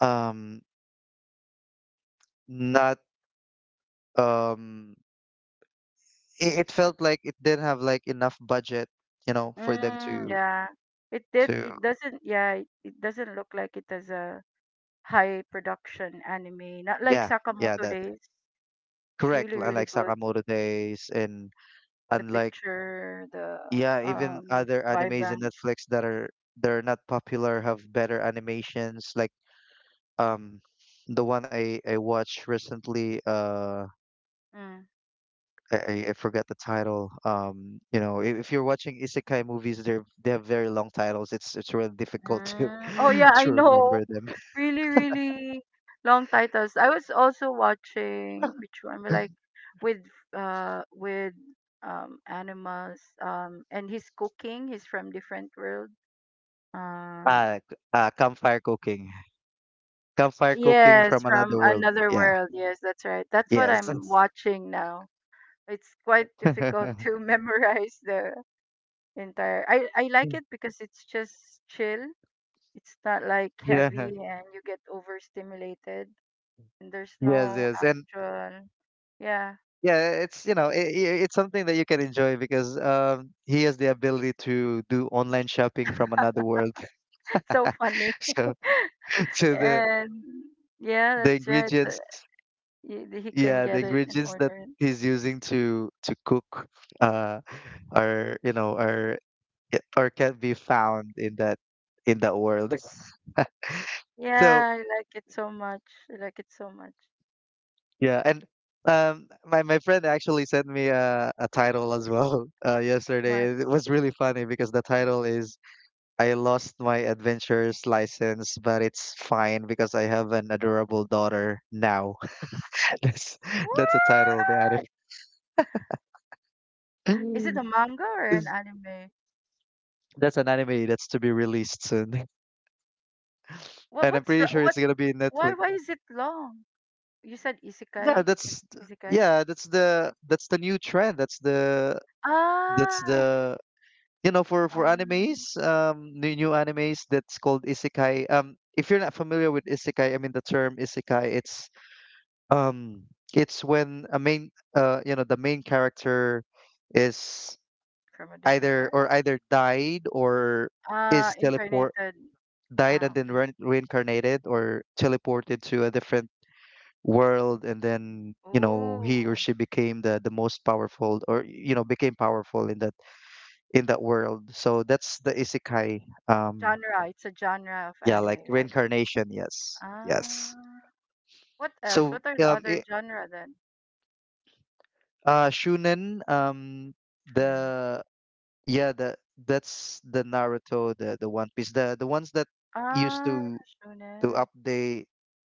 Speaker 2: um not... um it, it felt like it didn't have, like, enough budget, you know, for them
Speaker 1: Mm,
Speaker 2: to...
Speaker 1: yeah. It did.
Speaker 2: to
Speaker 1: It doesn't. Yeah, it, it doesn't look like it it is a high production anime. Not like
Speaker 2: yeah, yeah,
Speaker 1: Sakamoto
Speaker 2: that
Speaker 1: Days. It's
Speaker 2: correct.
Speaker 1: really, really
Speaker 2: Unlike
Speaker 1: good.
Speaker 2: Sakamoto Days, and
Speaker 1: The
Speaker 2: unlike
Speaker 1: picture, the
Speaker 2: yeah, even
Speaker 1: um,
Speaker 2: other animes in
Speaker 1: vibrant.
Speaker 2: Netflix that are they're not popular have better animations. Like, um, the one I I watched recently... uh,
Speaker 1: Mm.
Speaker 2: I I I forgot the title. Um, you know, if, if you're watching isekai movies, they're they have very long titles. It's it's really difficult to
Speaker 1: Mm. Oh yeah, I
Speaker 2: to
Speaker 1: know.
Speaker 2: remember them.
Speaker 1: Really, really long titles. I was also watching which one? But like with uh with um animals um and he's cooking. He's from different world. Um,
Speaker 2: Uh, c- uh, campfire cooking. Campfire cooking
Speaker 1: yes,
Speaker 2: from another
Speaker 1: from
Speaker 2: world.
Speaker 1: another
Speaker 2: Yeah.
Speaker 1: world. Yes, that's right. That's what
Speaker 2: Yes.
Speaker 1: I'm watching now. It's quite difficult to memorize the entire. I I like it because it's just chill. It's not like
Speaker 2: Yeah.
Speaker 1: heavy and you get overstimulated and there's
Speaker 2: Yes,
Speaker 1: no
Speaker 2: yes. And
Speaker 1: actual. Yeah,
Speaker 2: yeah, it's, you know, i it's something that you can enjoy, because um he has the ability to do online shopping from another world.
Speaker 1: so funny.
Speaker 2: So so the
Speaker 1: And yeah,
Speaker 2: the
Speaker 1: that's right.
Speaker 2: ingredients,
Speaker 1: The- He, he can
Speaker 2: yeah, the
Speaker 1: get it and
Speaker 2: ingredients that
Speaker 1: order it.
Speaker 2: he's using to to cook, uh are, you know, are i- or can be found in that in that world. So...
Speaker 1: Yeah, I like it so much. I like it so much.
Speaker 2: Yeah, and, um, my my friend actually sent me a, a title as well, uh, yesterday.
Speaker 1: What?
Speaker 2: It was really funny because the title is "I lost my adventurer's license, but it's fine because I have an adorable daughter now." That's that's a title of the anime.
Speaker 1: What? Is it a manga or an
Speaker 2: Is-
Speaker 1: anime?
Speaker 2: That's an anime that's to be released soon,
Speaker 1: What?
Speaker 2: and I'm
Speaker 1: What's
Speaker 2: pretty
Speaker 1: ra-
Speaker 2: sure it's
Speaker 1: what?
Speaker 2: gonna be in
Speaker 1: Why?
Speaker 2: Netflix.
Speaker 1: Why is it long? You said
Speaker 2: Yeah,
Speaker 1: isekai. like
Speaker 2: that's
Speaker 1: Isekai.
Speaker 2: yeah, that's the that's the new trend. That's the that's
Speaker 1: Ah,
Speaker 2: the you know, for for
Speaker 1: um,
Speaker 2: animes, um, new new animes, that's called isekai. Um, if you're not familiar with isekai, I mean the term isekai, it's... um, it's when a main... uh, you know, the main character is
Speaker 1: from a different
Speaker 2: either
Speaker 1: word.
Speaker 2: or either died or
Speaker 1: Ah,
Speaker 2: is teleport
Speaker 1: incarnated.
Speaker 2: died and
Speaker 1: Ah,
Speaker 2: then
Speaker 1: okay.
Speaker 2: rein reincarnated or teleported to a different world, and then, you know, he or
Speaker 1: Ooh.
Speaker 2: she became the the most powerful, or, you know, became powerful in that in that world. So that's the isekai. Um,
Speaker 1: Genre, it's a genre of
Speaker 2: yeah, like
Speaker 1: anime, right?
Speaker 2: reincarnation. Yes, yes.
Speaker 1: Ah, what
Speaker 2: So,
Speaker 1: else? What are the
Speaker 2: um,
Speaker 1: other
Speaker 2: I
Speaker 1: genre then?
Speaker 2: uh, Shunen. Um,
Speaker 1: Shonen.
Speaker 2: the yeah, the that's the Naruto, the the One Piece, the the ones that used
Speaker 1: Ah,
Speaker 2: to to
Speaker 1: shonen.
Speaker 2: update.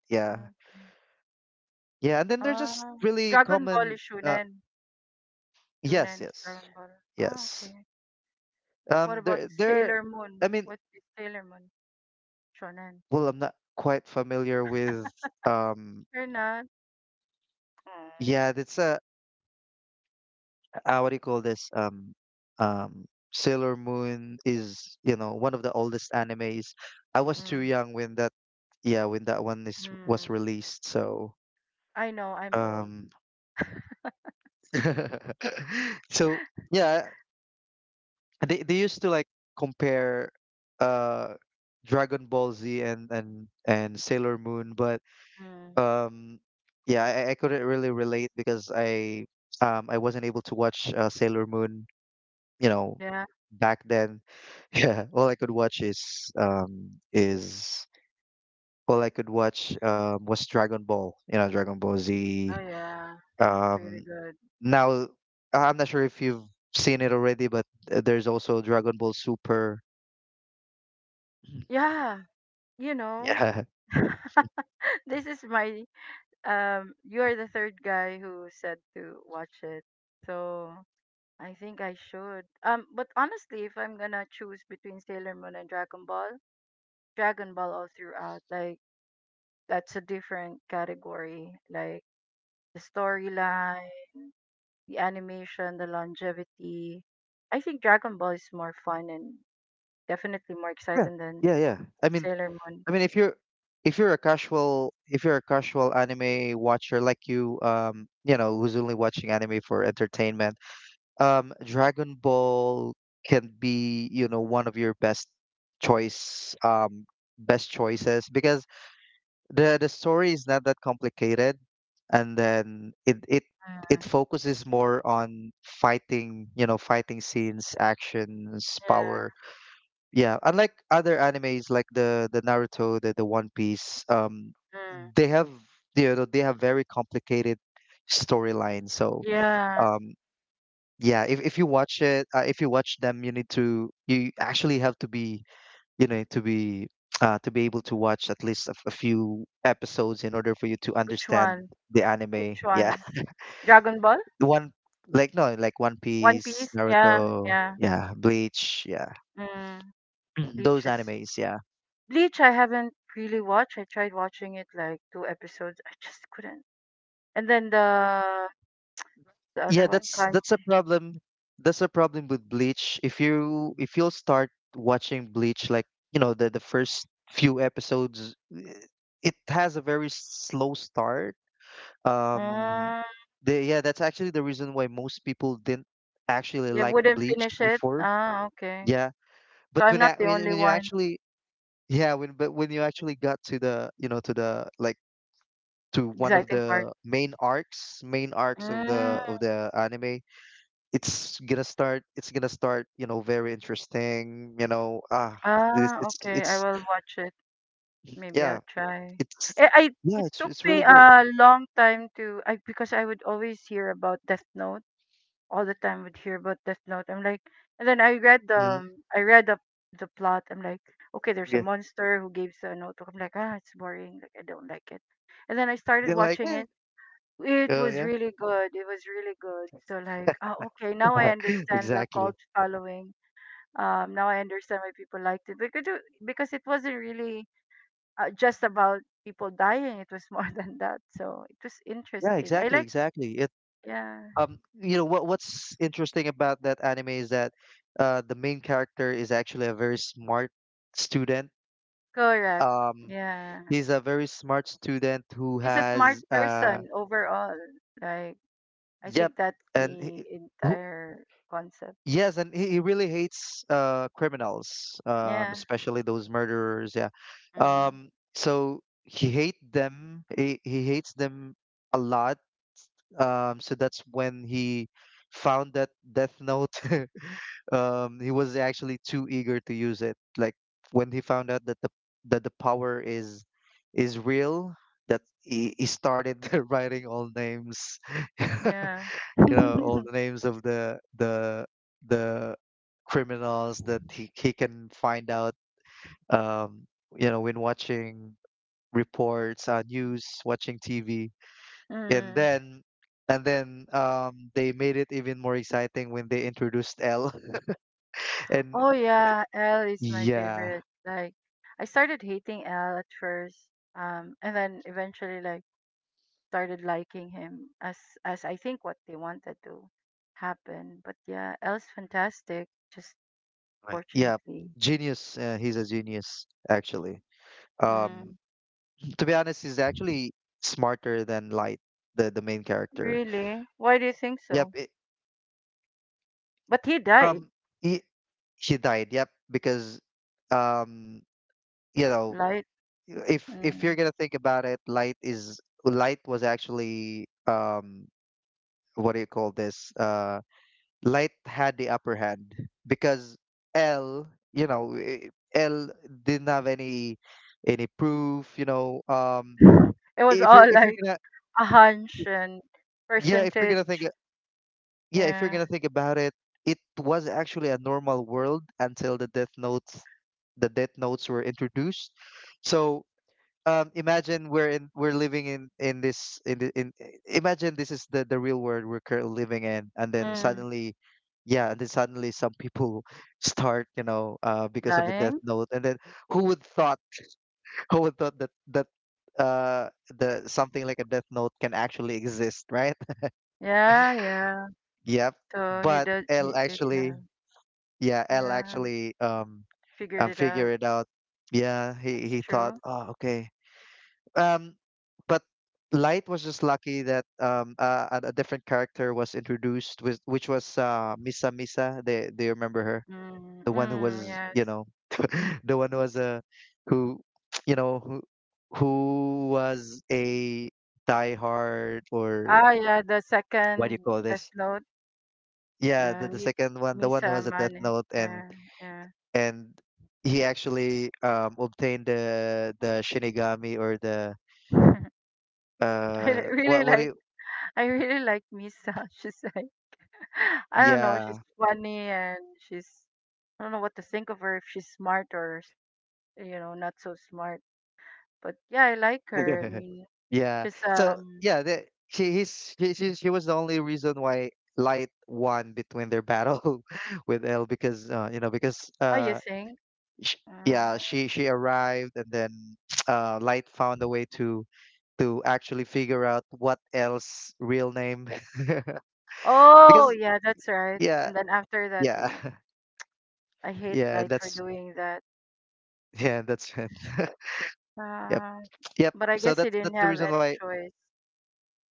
Speaker 2: Yeah,
Speaker 1: Okay.
Speaker 2: yeah, and then they're just
Speaker 1: Ah,
Speaker 2: really
Speaker 1: Dragon Ball
Speaker 2: common.
Speaker 1: is
Speaker 2: Uh,
Speaker 1: shonen.
Speaker 2: yes,
Speaker 1: Shonen is
Speaker 2: yes,
Speaker 1: Dragon Ball. Oh,
Speaker 2: yes.
Speaker 1: okay. What
Speaker 2: Um,
Speaker 1: about
Speaker 2: they're they're.
Speaker 1: Sailor Moon?
Speaker 2: I mean,
Speaker 1: What is Sailor Moon? Shonen.
Speaker 2: well, I'm not quite familiar with. Um,
Speaker 1: You're not. Mm.
Speaker 2: yeah, it's a... uh, what do you call this? Um, um, Sailor Moon is, you know, one of the oldest animes. I was too
Speaker 1: Mm.
Speaker 2: young when that, yeah, when that one is was
Speaker 1: Mm.
Speaker 2: released. So,
Speaker 1: I know. I'm old.
Speaker 2: um, so, yeah, they they used to, like, compare, uh, Dragon Ball Z and and and Sailor Moon, but...
Speaker 1: Mm.
Speaker 2: um, yeah, I, I couldn't really relate, because I um I wasn't able to watch, uh, Sailor Moon, you know,
Speaker 1: Yeah.
Speaker 2: back then. Yeah, all I could watch is um is all I could watch, um was Dragon Ball, you know, Dragon Ball
Speaker 1: Oh
Speaker 2: Z.
Speaker 1: yeah. It's
Speaker 2: Um,
Speaker 1: really good.
Speaker 2: now... I- I'm not sure if you've seen it already, but, uh, there's also Dragon Ball Super.
Speaker 1: Yeah. You know.
Speaker 2: Yeah,
Speaker 1: This is my, um you are the third guy who said to watch it, so I think I should, um, but honestly if I'm gonna choose between Sailor Moon and Dragon Ball, Dragon Ball all throughout, like that's a different category, like the storyline, the animation, the longevity, I think Dragon Ball is more fun and definitely more
Speaker 2: yeah,
Speaker 1: exciting than
Speaker 2: yeah, yeah. I mean,
Speaker 1: Sailor Moon.
Speaker 2: I mean, if you're if you're a casual if you're a casual anime watcher like you, um, you know, who's only watching anime for entertainment... um Dragon Ball can be, you know, one of your best choice um best choices, because the the story is not that complicated, and then it it
Speaker 1: Mm,
Speaker 2: it focuses more on fighting, you know, fighting scenes, actions,
Speaker 1: yeah.
Speaker 2: power. Yeah, unlike other animes like the the Naruto, the the One Piece. um
Speaker 1: Mm,
Speaker 2: they have You know, they have very complicated storyline. So,
Speaker 1: yeah.
Speaker 2: um yeah, if, if you watch it, uh, if you watch them, you need to you actually have to be... you know to be uh, to be able to watch at least a, f- a few episodes, in order for you to
Speaker 1: which
Speaker 2: understand
Speaker 1: one
Speaker 2: the anime.
Speaker 1: which
Speaker 2: Yeah.
Speaker 1: one Dragon Ball.
Speaker 2: the one like no like One
Speaker 1: One
Speaker 2: Piece,
Speaker 1: Piece, yeah,
Speaker 2: Naruto,
Speaker 1: yeah.
Speaker 2: yeah, Bleach, yeah,
Speaker 1: Mm, Bleach
Speaker 2: those
Speaker 1: is
Speaker 2: animes. Yeah.
Speaker 1: Bleach. I haven't really watched. I tried watching it like two episodes. I just couldn't. And then the the other
Speaker 2: Yeah,
Speaker 1: one,
Speaker 2: that's that's a
Speaker 1: Kanji.
Speaker 2: problem. That's a problem with Bleach. If you if you'll start watching Bleach, like, you know, the the first few episodes, eh, it has a very slow start. Um,
Speaker 1: Mm,
Speaker 2: the yeah, that's actually the reason why most people didn't actually
Speaker 1: yeah,
Speaker 2: like
Speaker 1: wouldn't
Speaker 2: Bleach
Speaker 1: finish it.
Speaker 2: before.
Speaker 1: Ah, okay.
Speaker 2: Yeah, but
Speaker 1: So I'm
Speaker 2: when
Speaker 1: not
Speaker 2: I,
Speaker 1: the
Speaker 2: when
Speaker 1: only
Speaker 2: when you
Speaker 1: one.
Speaker 2: actually... yeah when but when you actually got to the, you know, to the, like, to one of
Speaker 1: Exciting part.
Speaker 2: the main arcs main arcs of
Speaker 1: Mm,
Speaker 2: the of the anime, it's gonna start... it's gonna start you know, very interesting, you know, ah, it's
Speaker 1: ah,
Speaker 2: it's,
Speaker 1: okay. I
Speaker 2: it's,
Speaker 1: will watch it. Maybe
Speaker 2: yeah
Speaker 1: I'll try.
Speaker 2: it's
Speaker 1: I, I
Speaker 2: yeah
Speaker 1: it
Speaker 2: it's
Speaker 1: took
Speaker 2: it's really
Speaker 1: me
Speaker 2: great.
Speaker 1: a long time to, I because I would always hear about Death Note all the time, would hear about Death Note. I'm like, and then I read the
Speaker 2: Mhm.
Speaker 1: um, I read the the plot. I'm like, okay, there's a
Speaker 2: yeah
Speaker 1: monster who gives a note. I'm like, ah, it's boring. Like I don't like it. And then I started
Speaker 2: are like
Speaker 1: watching
Speaker 2: eh,
Speaker 1: it. It
Speaker 2: oh
Speaker 1: was
Speaker 2: yeah,
Speaker 1: really good. It was really good. So like, ah, okay, now I understand the cult
Speaker 2: exactly.
Speaker 1: following. Um, now I understand why people liked it because it, because it wasn't really uh, just about people dying. It was more than that. So it was
Speaker 2: Yeah,
Speaker 1: interesting. I
Speaker 2: exactly,
Speaker 1: like,
Speaker 2: exactly it
Speaker 1: yeah,
Speaker 2: um you know, what what's interesting about that anime is that, uh the main character is actually a very smart student.
Speaker 1: correct,
Speaker 2: um
Speaker 1: yeah.
Speaker 2: he's a very smart student who
Speaker 1: He's a smart
Speaker 2: has... uh
Speaker 1: person overall. Like I
Speaker 2: Yep.
Speaker 1: think that's
Speaker 2: and
Speaker 1: the
Speaker 2: he- who
Speaker 1: entire concept.
Speaker 2: Yes, and he, he really hates, uh criminals, um,
Speaker 1: Yeah.
Speaker 2: especially those murderers. Yeah,
Speaker 1: Mm.
Speaker 2: um, so he hate them. He he hates them a lot. Um, so that's when he found that Death Note. Um, he was actually too eager to use it. Like, when he found out that the that the power is is real, that he, he started, writing all names.
Speaker 1: Yeah.
Speaker 2: You know, all the names of the the the criminals that he, he can find out, um you know, when watching reports, uh, news, watching TV, and
Speaker 1: Mm.
Speaker 2: then, and then um they made it even more exciting when they introduced L. And
Speaker 1: Oh yeah, L is my
Speaker 2: yeah,
Speaker 1: favorite. Like I started hating L at first, um, and then eventually like started liking him as as I think what they wanted to happen. But yeah, L's fantastic. Just
Speaker 2: right. Yeah,
Speaker 1: fortunately,
Speaker 2: genius uh, he's a genius, actually, um
Speaker 1: mm.
Speaker 2: to be honest. He's actually smarter than Light, the the main character.
Speaker 1: Really, why do you think
Speaker 2: yep
Speaker 1: so?
Speaker 2: it,
Speaker 1: But he died,
Speaker 2: um he, She died. Yep, because, um, you know,
Speaker 1: right?
Speaker 2: if if you're
Speaker 1: Mm.
Speaker 2: gonna think about it, light is Light was actually, um, what do you call this? Uh, light had the upper hand, because L, you know, i- L didn't have any any proof. You know, um,
Speaker 1: It was
Speaker 2: if you're
Speaker 1: all
Speaker 2: if you're
Speaker 1: like
Speaker 2: gonna
Speaker 1: a hunch
Speaker 2: if,
Speaker 1: and
Speaker 2: yeah, if you're gonna think
Speaker 1: percentage.
Speaker 2: yeah, if you're
Speaker 1: Yeah.
Speaker 2: gonna think about it, it was actually a normal world until the Death Notes, the Death Notes were introduced. So, um, imagine we're in, we're living in, in this in the, in imagine this is the the real world we're currently living in, and then,
Speaker 1: Mm.
Speaker 2: suddenly... yeah, and then, suddenly, some people start, you know, uh, because of the Death
Speaker 1: Dying.
Speaker 2: Note, and then, who would thought who would thought that that uh the something like a Death Note can actually exist, right?
Speaker 1: Yeah, yeah.
Speaker 2: Yep.
Speaker 1: So he
Speaker 2: But
Speaker 1: did.
Speaker 2: L
Speaker 1: He did
Speaker 2: actually
Speaker 1: have.
Speaker 2: Yeah, L
Speaker 1: Yeah.
Speaker 2: actually, um
Speaker 1: Figured
Speaker 2: um
Speaker 1: it out.
Speaker 2: figured it out. Yeah, he
Speaker 1: That's
Speaker 2: he thought,
Speaker 1: true.
Speaker 2: oh, okay. Um, but Light was just lucky that, um uh, a, a different character was introduced, with, which was, uh Misa Misa. They they remember her,
Speaker 1: Mm.
Speaker 2: the one who
Speaker 1: Mm,
Speaker 2: was,
Speaker 1: yes.
Speaker 2: you know, the one who was a... who you know who who was a diehard, or
Speaker 1: Ah, yeah. The
Speaker 2: what do you
Speaker 1: second
Speaker 2: call
Speaker 1: Death
Speaker 2: this?
Speaker 1: Note.
Speaker 2: Yeah, the
Speaker 1: Uh,
Speaker 2: the
Speaker 1: Mi-
Speaker 2: second one, the one who
Speaker 1: Misa
Speaker 2: has a Death
Speaker 1: Mane.
Speaker 2: Note and
Speaker 1: Yeah. Yeah.
Speaker 2: and he actually um obtained the the Shinigami, or the
Speaker 1: I
Speaker 2: uh
Speaker 1: li- really
Speaker 2: what what do
Speaker 1: like.
Speaker 2: you
Speaker 1: I really like Misa. She's I don't know.
Speaker 2: yeah,
Speaker 1: She's funny and she's, I don't know what to think of her if she's smart or s- you know not so smart. But yeah, I like her. I mean,
Speaker 2: yeah,
Speaker 1: she's
Speaker 2: so
Speaker 1: um.
Speaker 2: yeah, the, she he's she, she she was the only reason why Light won between their battle with L, because, uh, you know, because
Speaker 1: Oh, you
Speaker 2: uh
Speaker 1: think?
Speaker 2: sh yeah,
Speaker 1: Uh,
Speaker 2: she she arrived, and then uh Light found a way to to actually figure out what L's real name.
Speaker 1: oh,
Speaker 2: Because
Speaker 1: yeah, that's right.
Speaker 2: yeah,
Speaker 1: And then after that,
Speaker 2: yeah,
Speaker 1: he I hate
Speaker 2: yeah.
Speaker 1: Light
Speaker 2: and
Speaker 1: for
Speaker 2: that's
Speaker 1: doing that.
Speaker 2: Yeah, that's it. Yep.
Speaker 1: Uh,
Speaker 2: Yep.
Speaker 1: but I
Speaker 2: So
Speaker 1: guess he
Speaker 2: that's
Speaker 1: didn't
Speaker 2: that's the
Speaker 1: have
Speaker 2: reason
Speaker 1: any
Speaker 2: why.
Speaker 1: choice.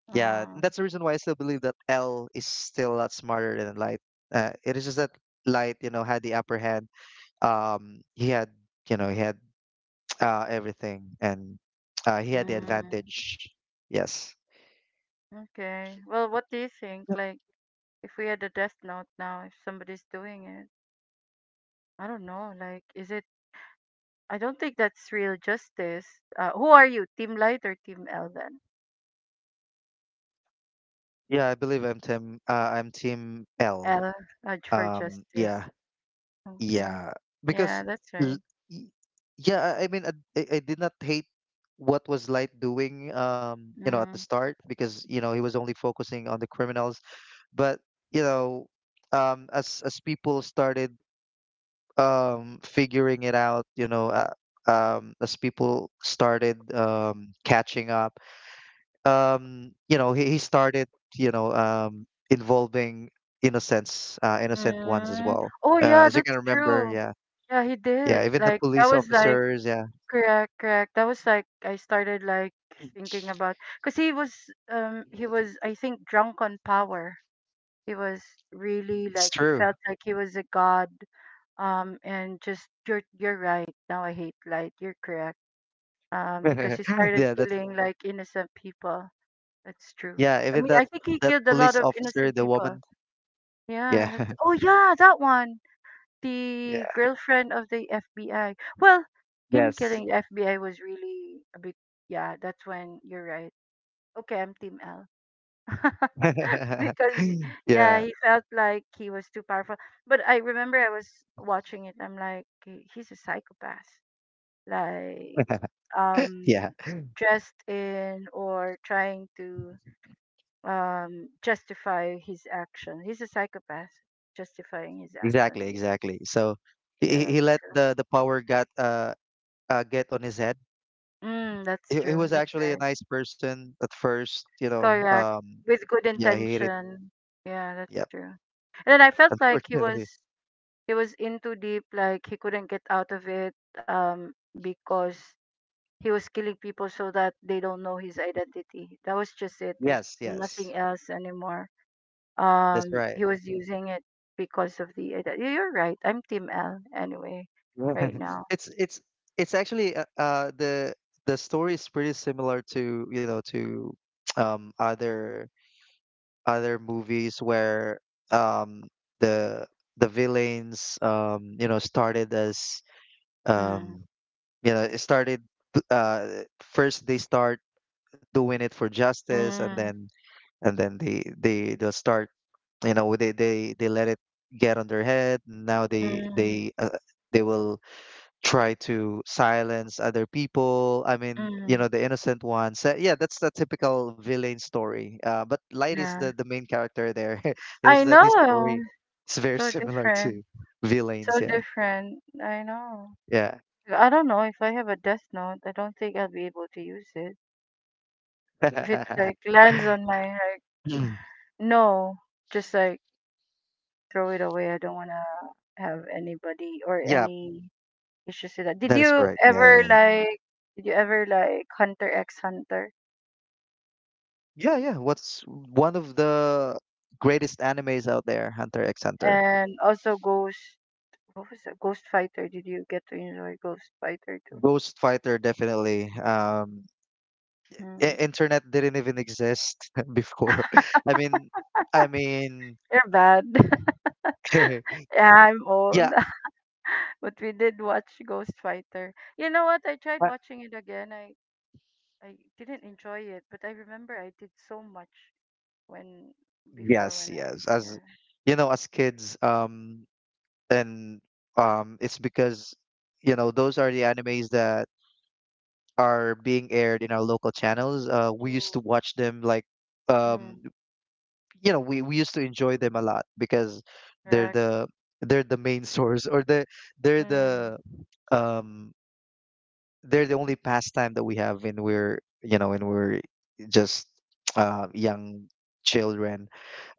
Speaker 2: Yeah,
Speaker 1: Uh,
Speaker 2: that's the reason why I still believe that L is still a lot smarter than Light. Uh, it is just that Light, you know, had the upper hand. Um, he had, you know, he had uh everything, and uh he had the
Speaker 1: mm,
Speaker 2: advantage. Yes.
Speaker 1: okay. Well, what do you think?
Speaker 2: Yep.
Speaker 1: Like, if we had a Death Note now, if somebody's doing it, I don't know. Like, is it, I don't think that's real justice. Uh, who are you, Team Light or Team L then?
Speaker 2: Yeah, I believe I'm team uh I'm team L.
Speaker 1: L, uh, for
Speaker 2: Um, yeah.
Speaker 1: justice. Okay.
Speaker 2: Yeah,
Speaker 1: Yeah,
Speaker 2: because
Speaker 1: that's
Speaker 2: l-
Speaker 1: right.
Speaker 2: y- yeah, I I mean, I, I I did not hate what was Light doing, um, you know, at the
Speaker 1: Mm.
Speaker 2: start, because, you know, he was only focusing on the criminals. But, you know, um, as as people started um figuring it out, you know, uh, um, as people started um catching up, um, you know, he, he started, you know, um involving innocents, uh, innocent ones as
Speaker 1: Mm.
Speaker 2: well.
Speaker 1: Oh
Speaker 2: Uh,
Speaker 1: yeah,
Speaker 2: as you can
Speaker 1: that's
Speaker 2: remember,
Speaker 1: true.
Speaker 2: yeah.
Speaker 1: Yeah, he did.
Speaker 2: Yeah, even the
Speaker 1: Like that
Speaker 2: police
Speaker 1: was like
Speaker 2: officers, yeah,
Speaker 1: correct, correct. That was like I started like thinking about because he was, um he was I think drunk on power. He was really
Speaker 2: it's
Speaker 1: like he
Speaker 2: true.
Speaker 1: felt like he was a god, um, and just you're you're right, now I hate Light, you're correct, um, because he started
Speaker 2: Yeah, that's
Speaker 1: killing like innocent people. That's true.
Speaker 2: yeah,
Speaker 1: I
Speaker 2: even
Speaker 1: mean,
Speaker 2: that
Speaker 1: I think he
Speaker 2: that
Speaker 1: killed a lot
Speaker 2: police
Speaker 1: of
Speaker 2: officer,
Speaker 1: innocent
Speaker 2: the
Speaker 1: people.
Speaker 2: woman.
Speaker 1: Yeah,
Speaker 2: Yeah.
Speaker 1: that's, oh yeah, that one.
Speaker 2: Yeah.
Speaker 1: The girlfriend of the F B I. Well, him
Speaker 2: Yes.
Speaker 1: killing the F B I was really a bit. Yeah, that's when you're right. Okay, I'm Team L. because yeah,
Speaker 2: Yeah.
Speaker 1: he felt like he was too powerful. But I remember I was watching it. I'm like, "He- he's a psychopath. Like um,
Speaker 2: Yeah.
Speaker 1: dressed in or trying to um, justify his action. He's a psychopath, justifying his action.
Speaker 2: Exactly,
Speaker 1: Really,
Speaker 2: exactly. So
Speaker 1: yeah,
Speaker 2: he he
Speaker 1: that's
Speaker 2: let
Speaker 1: true.
Speaker 2: the the power got uh, uh get on his head.
Speaker 1: Mm, that's
Speaker 2: He, he
Speaker 1: true.
Speaker 2: was
Speaker 1: That's
Speaker 2: actually a
Speaker 1: right.
Speaker 2: nice person at first, you know.
Speaker 1: Correct.
Speaker 2: Um
Speaker 1: With good
Speaker 2: yeah, he hated.
Speaker 1: intention. Yeah, that's
Speaker 2: Yep.
Speaker 1: true. And then I felt like he was
Speaker 2: Unfortunately.
Speaker 1: he was in too deep. Like he couldn't get out of it. Um, because he was killing people so that they don't know his identity. That was just it. There's
Speaker 2: Yes,
Speaker 1: nothing
Speaker 2: yes.
Speaker 1: else anymore.
Speaker 2: That's
Speaker 1: Um he
Speaker 2: right.
Speaker 1: was using it because of the ide- you- you're right, I'm Team L anyway right now.
Speaker 2: It's it's it's actually uh, uh the the story is pretty similar to, you know, to um other other movies where um the the villains um you know started as um
Speaker 1: mm,
Speaker 2: you know it started uh first they start doing it for justice. And then
Speaker 1: mm,
Speaker 2: and then they they they'll start, you know, they they they let it get on their head. Now they
Speaker 1: mm,
Speaker 2: they uh, they will try to silence other people. I mean, you
Speaker 1: mm,
Speaker 2: know, the innocent ones. So yeah, that's the typical villain story. Uh, but Light is
Speaker 1: yeah,
Speaker 2: the the main character there. It is
Speaker 1: I
Speaker 2: that his
Speaker 1: know.
Speaker 2: story is very
Speaker 1: So
Speaker 2: similar
Speaker 1: different,
Speaker 2: to villains.
Speaker 1: so
Speaker 2: Yeah,
Speaker 1: different. I know,
Speaker 2: yeah.
Speaker 1: I don't know if I have a Death Note. I don't think I'll be able to use it if it like lands on my like
Speaker 2: Mm.
Speaker 1: no just like throw it away. I don't want to have anybody or
Speaker 2: Yeah.
Speaker 1: any. Let's just say that. Did
Speaker 2: That is
Speaker 1: you
Speaker 2: correct.
Speaker 1: ever
Speaker 2: Yeah,
Speaker 1: like? Did you ever like Hunter X Hunter
Speaker 2: yeah, yeah, yeah. What's one of the greatest animes out there? Hunter x Hunter.
Speaker 1: and also Ghost? What was that? Ghost Fighter. Did you get to enjoy Ghost Fighter too?
Speaker 2: Ghost Fighter, definitely. Um,
Speaker 1: Hmm.
Speaker 2: i- internet didn't even exist before. I mean, I mean,
Speaker 1: You're bad. Yeah, I'm old.
Speaker 2: yeah,
Speaker 1: But we did watch Ghost Fighter. You know what? I tried
Speaker 2: uh,
Speaker 1: watching it again. I I didn't enjoy it, but I remember I did so much when before
Speaker 2: yes,
Speaker 1: when I
Speaker 2: yes. As
Speaker 1: yeah.
Speaker 2: you know, as kids, um, and um, it's because you know those are the animes that are being aired in our local channels. Uh, we
Speaker 1: Mm.
Speaker 2: used to watch them, like, um,
Speaker 1: Mm,
Speaker 2: you know, we we used to enjoy them a lot, because they're
Speaker 1: correct.
Speaker 2: the they're the main source, or the they're
Speaker 1: Mm,
Speaker 2: the um they're the only pastime that we have when we're, you know, when we're just, uh, young children.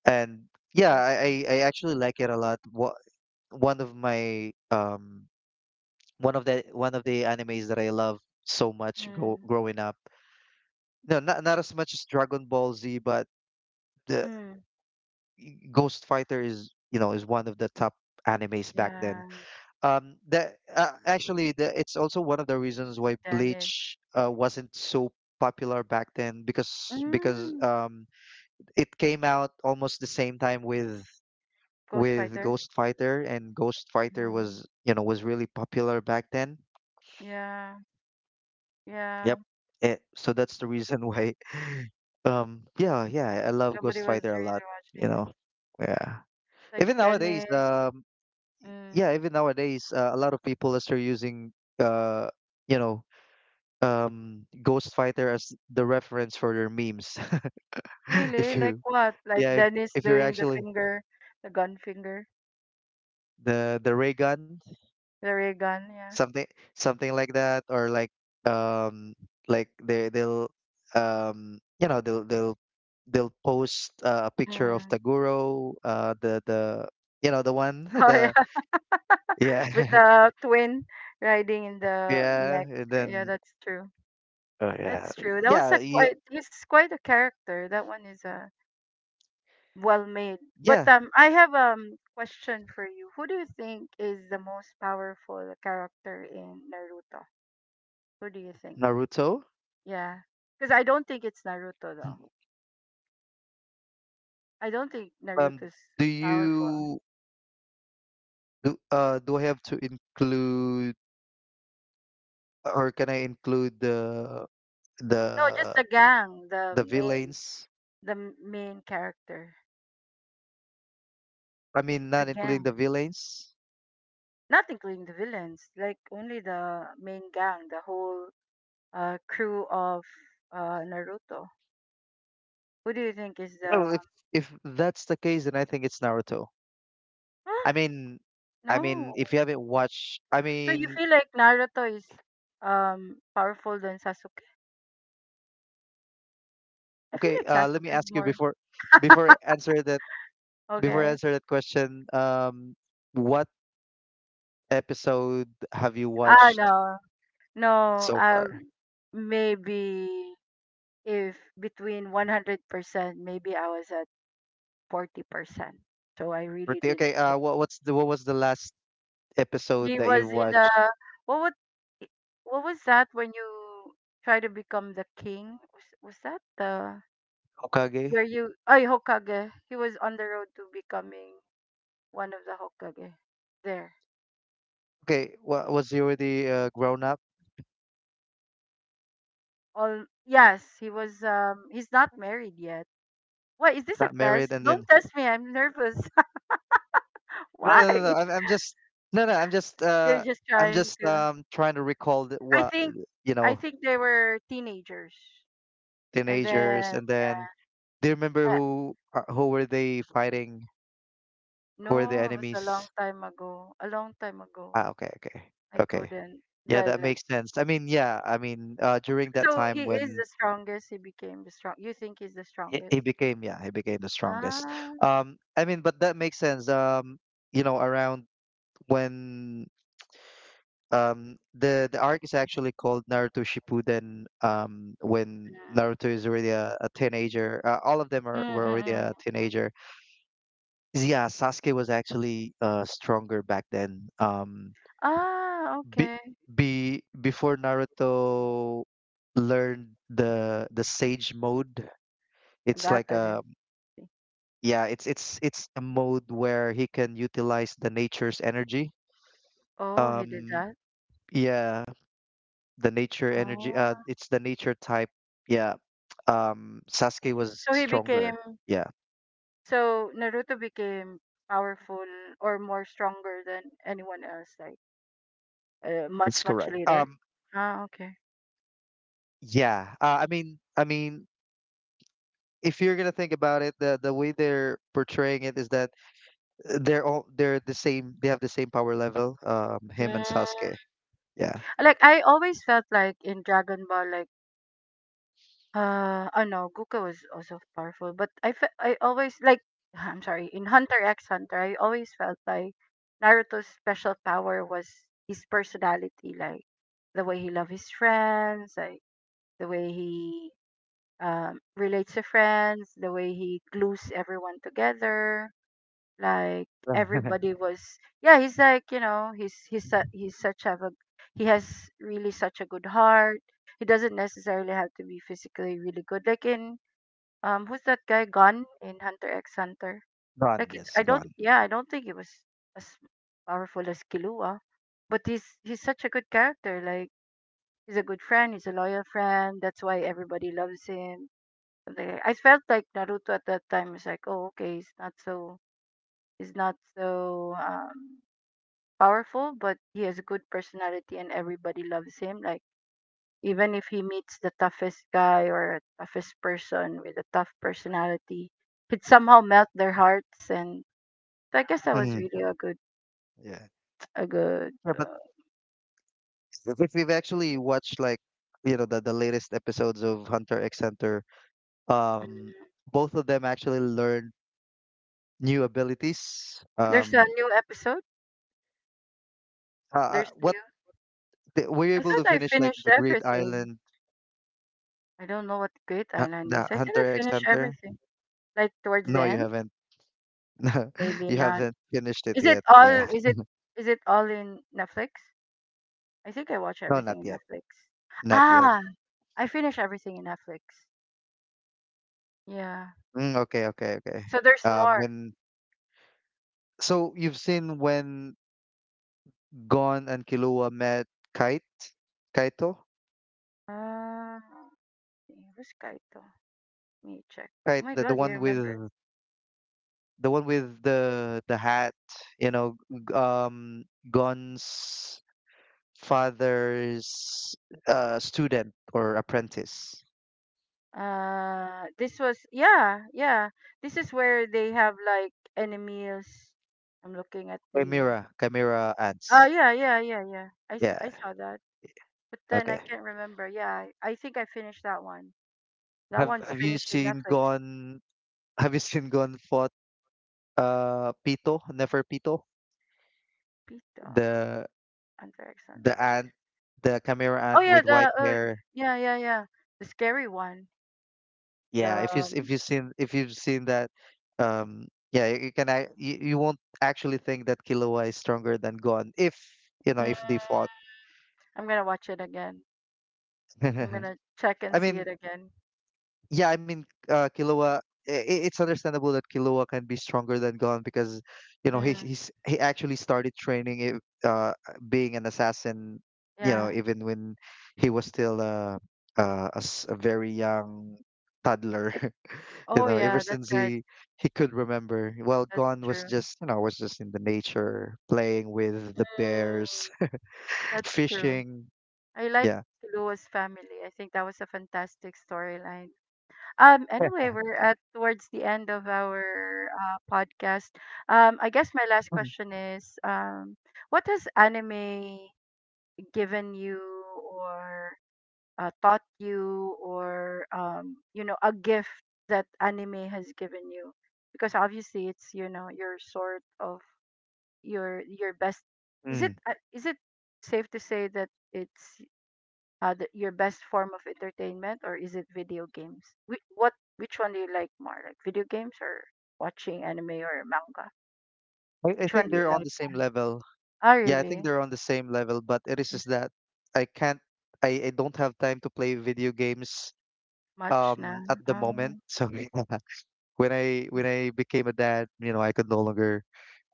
Speaker 2: And yeah,
Speaker 1: so true.
Speaker 2: I, I I actually like it a lot. What, one of my um one of the one of the animes that I love so much, grow,
Speaker 1: Mm,
Speaker 2: growing up. No, not, not as much as Dragon Ball Z, but the
Speaker 1: mm,
Speaker 2: Ghost Fighter is you know is one of the top animes back then.
Speaker 1: yeah.
Speaker 2: Um, that uh, actually, the, it's also one of the reasons why
Speaker 1: Dennis.
Speaker 2: bleach uh, wasn't so popular back then, because because
Speaker 1: Mm,
Speaker 2: um, it came out almost the same time with
Speaker 1: Ghost
Speaker 2: with
Speaker 1: Fighter.
Speaker 2: Ghost Fighter, and Ghost Fighter
Speaker 1: Mm,
Speaker 2: was you know was really popular back then.
Speaker 1: yeah, yeah.
Speaker 2: Yep. Eh, so that's the reason why. Um, yeah, yeah, I love
Speaker 1: Nobody
Speaker 2: Ghost
Speaker 1: was
Speaker 2: Fighter a lot.
Speaker 1: really
Speaker 2: You
Speaker 1: watching it.
Speaker 2: know, yeah.
Speaker 1: Like
Speaker 2: Even nowadays,
Speaker 1: Dennis.
Speaker 2: um,
Speaker 1: Mm,
Speaker 2: yeah, even nowadays, uh, a lot of people are still using, uh, you know, um Ghost Fighter as the reference for their memes. If
Speaker 1: really? Like
Speaker 2: you
Speaker 1: what? Like
Speaker 2: Yeah, if
Speaker 1: Dennis
Speaker 2: if you're
Speaker 1: doing the
Speaker 2: actually,
Speaker 1: finger, the gun finger,
Speaker 2: the the ray gun,
Speaker 1: the ray gun. Yeah.
Speaker 2: something something like that. Or like, um like they they'll um you know they'll they'll they'll post, uh, a picture of
Speaker 1: Mm.
Speaker 2: Taguro, uh the the you know, the one,
Speaker 1: Oh yeah,
Speaker 2: the yeah,
Speaker 1: with the twin riding in the
Speaker 2: yeah,
Speaker 1: neck.
Speaker 2: and
Speaker 1: Yeah,
Speaker 2: then
Speaker 1: that's true.
Speaker 2: oh yeah,
Speaker 1: That's true. That was a
Speaker 2: yeah you,
Speaker 1: quite. He's quite a character. That one is a well made. But
Speaker 2: yeah.
Speaker 1: um, I have um question for you. Who do you think is the most powerful character in Naruto? Who do you think?
Speaker 2: Naruto.
Speaker 1: Yeah, because I don't think it's Naruto though. I don't think
Speaker 2: Um,
Speaker 1: Naruto's
Speaker 2: do
Speaker 1: powerful.
Speaker 2: you Do uh do I have to include, or can I include the the
Speaker 1: No, just the gang, the
Speaker 2: the
Speaker 1: main,
Speaker 2: villains?
Speaker 1: the m- main character,
Speaker 2: I mean,
Speaker 1: the
Speaker 2: not including
Speaker 1: gang.
Speaker 2: the villains.
Speaker 1: Not including the villains, like only the main gang, the whole uh crew of uh Naruto. Who do you think is
Speaker 2: Well,
Speaker 1: the?
Speaker 2: if if that's the case, then I think it's Naruto. I mean, I mean,
Speaker 1: No.
Speaker 2: if you haven't watched, I
Speaker 1: So you
Speaker 2: mean,
Speaker 1: feel like Naruto is um powerful than Sasuke? I feel
Speaker 2: okay.
Speaker 1: like
Speaker 2: Uh, let me
Speaker 1: Sasuke is
Speaker 2: ask you
Speaker 1: more
Speaker 2: before before I answer that before I
Speaker 1: okay.
Speaker 2: answer that question. Um, what episode have you
Speaker 1: Ah
Speaker 2: watched
Speaker 1: no. No,
Speaker 2: so far?
Speaker 1: um Maybe if between a hundred percent, maybe I was at forty percent. So I
Speaker 2: Or
Speaker 1: really
Speaker 2: the-
Speaker 1: didn't.
Speaker 2: Okay.
Speaker 1: Get-
Speaker 2: Uh, what what's the what was the last episode
Speaker 1: He
Speaker 2: that you
Speaker 1: was in the
Speaker 2: watched?
Speaker 1: what would i- what was that when you try to become the king? Was, was that the
Speaker 2: Hokage.
Speaker 1: where you oh Hokage? He was on the road to becoming one of the Hokage there.
Speaker 2: Okay, wa- was he already uh, grown up,
Speaker 1: All yes, he was um he's not married yet. What is this a
Speaker 2: not married,
Speaker 1: test?
Speaker 2: and then
Speaker 1: Don't test me, I'm nervous.
Speaker 2: no, no,
Speaker 1: Why?
Speaker 2: no, no. I'm, I'm just no, no. I'm just
Speaker 1: You're
Speaker 2: uh,
Speaker 1: just
Speaker 2: I'm
Speaker 1: trying
Speaker 2: just
Speaker 1: to
Speaker 2: um trying to recall, the,
Speaker 1: I
Speaker 2: what,
Speaker 1: think
Speaker 2: you
Speaker 1: I
Speaker 2: know,
Speaker 1: think they were teenagers. And
Speaker 2: teenagers,
Speaker 1: then
Speaker 2: and
Speaker 1: yeah.
Speaker 2: then do you remember
Speaker 1: Uh,
Speaker 2: who are- who were they fighting? Who were the
Speaker 1: no, it was a long
Speaker 2: enemies?
Speaker 1: time ago. A long time ago.
Speaker 2: Ah, okay, okay,
Speaker 1: I
Speaker 2: okay.
Speaker 1: couldn't
Speaker 2: Yeah,
Speaker 1: that
Speaker 2: that
Speaker 1: like
Speaker 2: makes sense. I mean, yeah, I mean, uh, during that
Speaker 1: so he
Speaker 2: time
Speaker 1: is
Speaker 2: when
Speaker 1: the strongest, he became the strong you think he's the
Speaker 2: he,
Speaker 1: strongest?
Speaker 2: he became, yeah, he became the strongest.
Speaker 1: Ah.
Speaker 2: Um, I mean, but that makes sense. Um, you know, around when Um, the the arc is actually called Naruto Shippuden. Um, when
Speaker 1: mm,
Speaker 2: Naruto is already a, a teenager, uh, all of them
Speaker 1: mm,
Speaker 2: are
Speaker 1: mm,
Speaker 2: were already
Speaker 1: mm. mm.
Speaker 2: a teenager. Yeah, Sasuke was actually uh stronger back then. Um,
Speaker 1: Ah,
Speaker 2: be,
Speaker 1: okay.
Speaker 2: be Before Naruto learned the the Sage mode. It's
Speaker 1: That
Speaker 2: like
Speaker 1: I
Speaker 2: a
Speaker 1: didn't see.
Speaker 2: Yeah, it's it's it's a mode where he can utilize the nature's energy.
Speaker 1: Oh, he did
Speaker 2: Um,
Speaker 1: that?
Speaker 2: yeah, the nature energy, uh
Speaker 1: Ah.
Speaker 2: it's the nature type. Yeah. um Sasuke was
Speaker 1: So he became
Speaker 2: stronger. Yeah,
Speaker 1: so Naruto became powerful or more stronger than anyone else, like uh, much
Speaker 2: that's
Speaker 1: much
Speaker 2: correct.
Speaker 1: later.
Speaker 2: Um
Speaker 1: Ah, okay.
Speaker 2: yeah. uh, I mean, I mean if you're gonna think about it, the the way they're portraying it is that, uh, they're all, they're the same. They have the same power level, um him and Sasuke.
Speaker 1: Mm.
Speaker 2: Yeah.
Speaker 1: Like I always felt like in Dragon Ball, like uh, oh no, Guka was also powerful, but I fe- I always like I'm sorry in Hunter X Hunter, I always felt like Naruto's special power was his personality, like the way he loved his friends, like the way he um, relates to friends, the way he glues everyone together. Like
Speaker 2: Gone.
Speaker 1: everybody was, yeah, he's like you know, he's he's su- he's such have a he has really such a good heart. He doesn't necessarily have to be physically really good. Like in um, who's that guy? Gun in Hunter X Hunter. Like it's I
Speaker 2: Yes.
Speaker 1: don't
Speaker 2: Gone.
Speaker 1: yeah I don't think he was as powerful as Killua, but he's he's such a good character. Like he's a good friend. He's a loyal friend. That's why everybody loves him like I felt like Naruto at that time was like, oh, okay, he's not so he's not so um powerful, but he has a good personality and everybody loves him. Like even if he meets the toughest guy or toughest person with a tough personality, he'd somehow melt their hearts. And so I guess that was
Speaker 2: Hmm.
Speaker 1: really a good
Speaker 2: Yeah,
Speaker 1: a good.
Speaker 2: yeah, but
Speaker 1: Uh,
Speaker 2: if if we've actually watched, like, you know, the the latest episodes of Hunter X Hunter, um
Speaker 1: mm.
Speaker 2: both of them actually learn new abilities.
Speaker 1: There's a
Speaker 2: Um,
Speaker 1: new episode.
Speaker 2: uh, uh,
Speaker 1: There's
Speaker 2: what
Speaker 1: new.
Speaker 2: the, were you
Speaker 1: I
Speaker 2: able
Speaker 1: thought
Speaker 2: to
Speaker 1: I
Speaker 2: finish, like,
Speaker 1: finished
Speaker 2: the Grid
Speaker 1: everything.
Speaker 2: Island,
Speaker 1: I don't know what Great
Speaker 2: uh,
Speaker 1: Island is.
Speaker 2: the
Speaker 1: I think I
Speaker 2: Hunter X
Speaker 1: finished
Speaker 2: Hunter?
Speaker 1: everything. Like towards
Speaker 2: No,
Speaker 1: the
Speaker 2: you
Speaker 1: end.
Speaker 2: haven't. No,
Speaker 1: Maybe
Speaker 2: you
Speaker 1: not.
Speaker 2: haven't finished it
Speaker 1: Is it
Speaker 2: yet.
Speaker 1: all
Speaker 2: Yeah,
Speaker 1: is it is it all in Netflix? I think I watch
Speaker 2: no,
Speaker 1: everything
Speaker 2: not
Speaker 1: in
Speaker 2: yet,
Speaker 1: Netflix.
Speaker 2: not yet.
Speaker 1: Ah, I finish everything in Netflix. Yeah.
Speaker 2: Mm, okay, okay, okay.
Speaker 1: So there's
Speaker 2: Um,
Speaker 1: more.
Speaker 2: when So you've seen when Gon and Killua met Kite, Kaito,
Speaker 1: Uh, Who's Kaito? Let me check.
Speaker 2: Kite,
Speaker 1: Oh my
Speaker 2: the, the
Speaker 1: god, you
Speaker 2: one
Speaker 1: remember?
Speaker 2: with the one with the the hat, you know, g- um, Gon's father's, uh, student or apprentice.
Speaker 1: Uh, this was yeah, yeah. This is where they have like enemies. I'm looking at the.
Speaker 2: Chimera, Chimera
Speaker 1: Oh
Speaker 2: ads.
Speaker 1: yeah, yeah, yeah, yeah. I, s-
Speaker 2: Yeah.
Speaker 1: I saw that, but then I
Speaker 2: Okay.
Speaker 1: can't remember. Yeah, I, I think I finished that one. That
Speaker 2: Have
Speaker 1: one's
Speaker 2: Have you
Speaker 1: finished in
Speaker 2: seen
Speaker 1: Netflix.
Speaker 2: Gon? Have you seen Gon fought uh Pito Neferpito,
Speaker 1: Pita
Speaker 2: the
Speaker 1: and
Speaker 2: the
Speaker 1: Alexander.
Speaker 2: ant, the Chimera
Speaker 1: Oh
Speaker 2: ant
Speaker 1: yeah,
Speaker 2: with
Speaker 1: the
Speaker 2: white
Speaker 1: uh,
Speaker 2: hair?
Speaker 1: yeah yeah yeah the scary one.
Speaker 2: Yeah.
Speaker 1: The
Speaker 2: If you s- if
Speaker 1: um,
Speaker 2: you've seen if you've seen that, um, yeah, you, you can I you, you won't actually think that Killua is stronger than Gon if you know
Speaker 1: Mm,
Speaker 2: if they fought.
Speaker 1: I'm gonna watch it again. I'm gonna check and
Speaker 2: I
Speaker 1: see
Speaker 2: mean,
Speaker 1: it again.
Speaker 2: yeah, I mean, uh, Killua. i- i- It's understandable that Killua can be stronger than Gon, because, you know, he
Speaker 1: Mm,
Speaker 2: he's he actually started training it, uh, being an assassin, you know,
Speaker 1: yeah.
Speaker 2: even when he was still uh, uh, a, s- a very young toddler. You
Speaker 1: Oh
Speaker 2: know, ever
Speaker 1: yeah, that's
Speaker 2: since
Speaker 1: right.
Speaker 2: he he could remember. Well,
Speaker 1: That's
Speaker 2: Gon was
Speaker 1: true.
Speaker 2: just, you know, was just in the nature, playing with the
Speaker 1: Mm,
Speaker 2: bears,
Speaker 1: that's true.
Speaker 2: fishing.
Speaker 1: I like
Speaker 2: Yeah.
Speaker 1: Lua's family. I think that was a fantastic storyline. Um, anyway, we're at towards the end of our uh, podcast. Um, I guess my last
Speaker 2: Mm.
Speaker 1: question is, um, what has anime given you or uh, taught you or um, you know, a gift that anime has given you? Because obviously it's, you know, your sort of your your best. Is
Speaker 2: Mm.
Speaker 1: it uh, is it safe to say that it's uh, the, your best form of entertainment, or is it video games? Which, what, which one do you like more? Like video games or watching anime or manga?
Speaker 2: I, I
Speaker 1: Which one
Speaker 2: think
Speaker 1: do you
Speaker 2: they're on
Speaker 1: like?
Speaker 2: the same level.
Speaker 1: Ah,
Speaker 2: Yeah, I think
Speaker 1: really?
Speaker 2: they're on the same level, but it is just that I can't, I, I don't have time to play video games
Speaker 1: Much
Speaker 2: um
Speaker 1: na.
Speaker 2: at the moment.
Speaker 1: Um,
Speaker 2: So when I when I became a dad, you know, I could no longer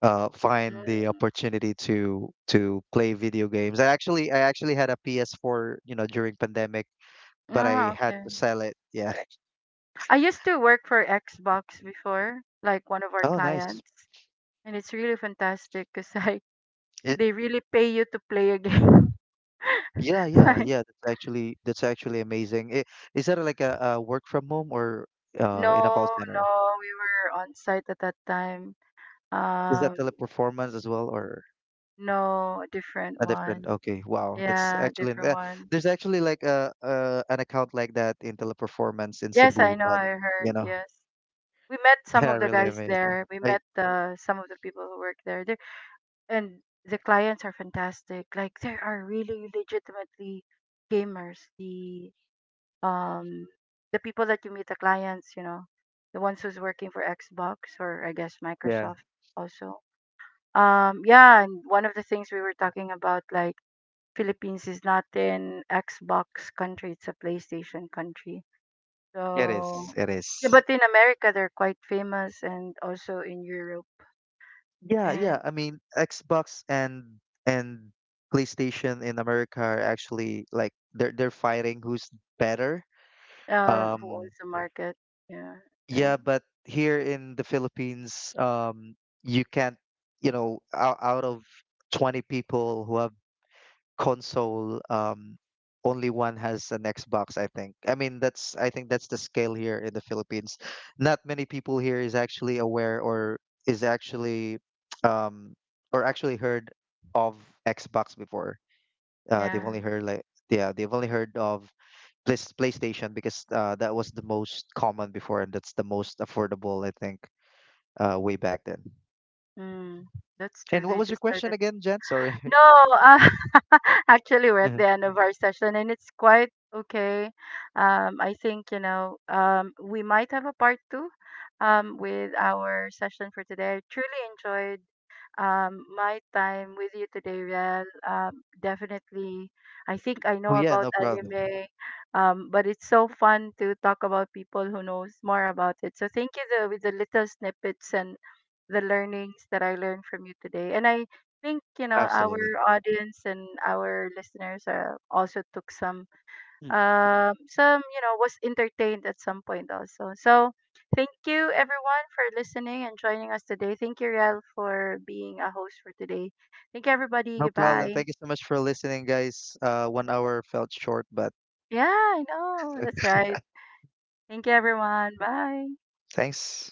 Speaker 2: uh find the
Speaker 1: mm,
Speaker 2: opportunity to to play video games. I actually I actually had a P S four, you know, during pandemic, but
Speaker 1: ah,
Speaker 2: I had
Speaker 1: okay.
Speaker 2: to sell it. Yeah.
Speaker 1: I used to work for Xbox before, like one of our
Speaker 2: Oh, nice.
Speaker 1: clients, and it's really fantastic because like
Speaker 2: It,
Speaker 1: they really pay you to play a game.
Speaker 2: yeah, yeah,
Speaker 1: Like,
Speaker 2: yeah. That's actually that's actually amazing. I- Is that like a, a work from home, or uh
Speaker 1: no,
Speaker 2: in a call
Speaker 1: no,
Speaker 2: center?
Speaker 1: we were on site at that time.
Speaker 2: Is that
Speaker 1: Um,
Speaker 2: Teleperformance as well, or
Speaker 1: no, a different
Speaker 2: a different?
Speaker 1: one.
Speaker 2: Okay, wow, that's
Speaker 1: Yeah,
Speaker 2: actually,
Speaker 1: different
Speaker 2: uh,
Speaker 1: one.
Speaker 2: there's actually like a uh, an account like that in Teleperformance in
Speaker 1: Yes, I
Speaker 2: Cebu,
Speaker 1: know.
Speaker 2: but,
Speaker 1: I
Speaker 2: you
Speaker 1: heard.
Speaker 2: know,
Speaker 1: Yes, we met some
Speaker 2: yeah,
Speaker 1: of the
Speaker 2: really
Speaker 1: guys
Speaker 2: amazing.
Speaker 1: there. We
Speaker 2: I
Speaker 1: met uh, some of the people who work there. They and the clients are fantastic. Like they are really legitimately gamers. The um the people that you meet, the clients, you know, the ones who's working for Xbox or I guess
Speaker 2: Yeah,
Speaker 1: Microsoft also. Um, yeah, and one of the things we were talking about, like Philippines is not an Xbox country; it's a PlayStation country.
Speaker 2: it is,
Speaker 1: So
Speaker 2: it
Speaker 1: yeah,
Speaker 2: is.
Speaker 1: but in America they're quite famous, and also in Europe,
Speaker 2: Yeah, yeah.
Speaker 1: and
Speaker 2: I mean, Xbox and and PlayStation in America are actually, like, they're they're fighting who's better.
Speaker 1: uh, who
Speaker 2: Um,
Speaker 1: also market. Yeah,
Speaker 2: Yeah,
Speaker 1: right.
Speaker 2: but here in the Philippines, um, you can't, you know, out, out of twenty people who have console, um, only one has an Xbox, I think. I mean, that's, I think that's the scale here in the Philippines. Not many people here is actually aware, or is actually, um, or actually heard of Xbox before. Uh,
Speaker 1: Yeah,
Speaker 2: they've only heard, like, yeah, they've only heard of Place PlayStation, because uh, that was the most common before, and that's the most affordable, I think, uh, way back then.
Speaker 1: mm, that's true.
Speaker 2: And what
Speaker 1: They
Speaker 2: was your
Speaker 1: just
Speaker 2: question
Speaker 1: started
Speaker 2: again, Jen? Sorry.
Speaker 1: no, uh, actually, we're at the end of our session and it's quite okay. Um, I think, you know, um, we might have a part two um, with our session for today. I truly enjoyed um, my time with you today, Riel. Um, definitely, I think I
Speaker 2: Oh
Speaker 1: know
Speaker 2: yeah,
Speaker 1: about
Speaker 2: no problem.
Speaker 1: anime, um, but it's so fun to talk about people who knows more about it. So thank you the, with the little snippets and the learnings that I learned from you today. And I think, you know, our
Speaker 2: Absolutely.
Speaker 1: audience and our listeners are also took some
Speaker 2: Mm.
Speaker 1: um some, you know, was entertained at some point also. So thank you everyone for listening and joining us today. Thank you, Riel, for being a host for today. Thank you everybody.
Speaker 2: No problem.
Speaker 1: Goodbye.
Speaker 2: Thank you so much for listening, guys. Uh, one hour felt short, but
Speaker 1: Yeah, I know. That's right. Thank you everyone. Bye.
Speaker 2: thanks.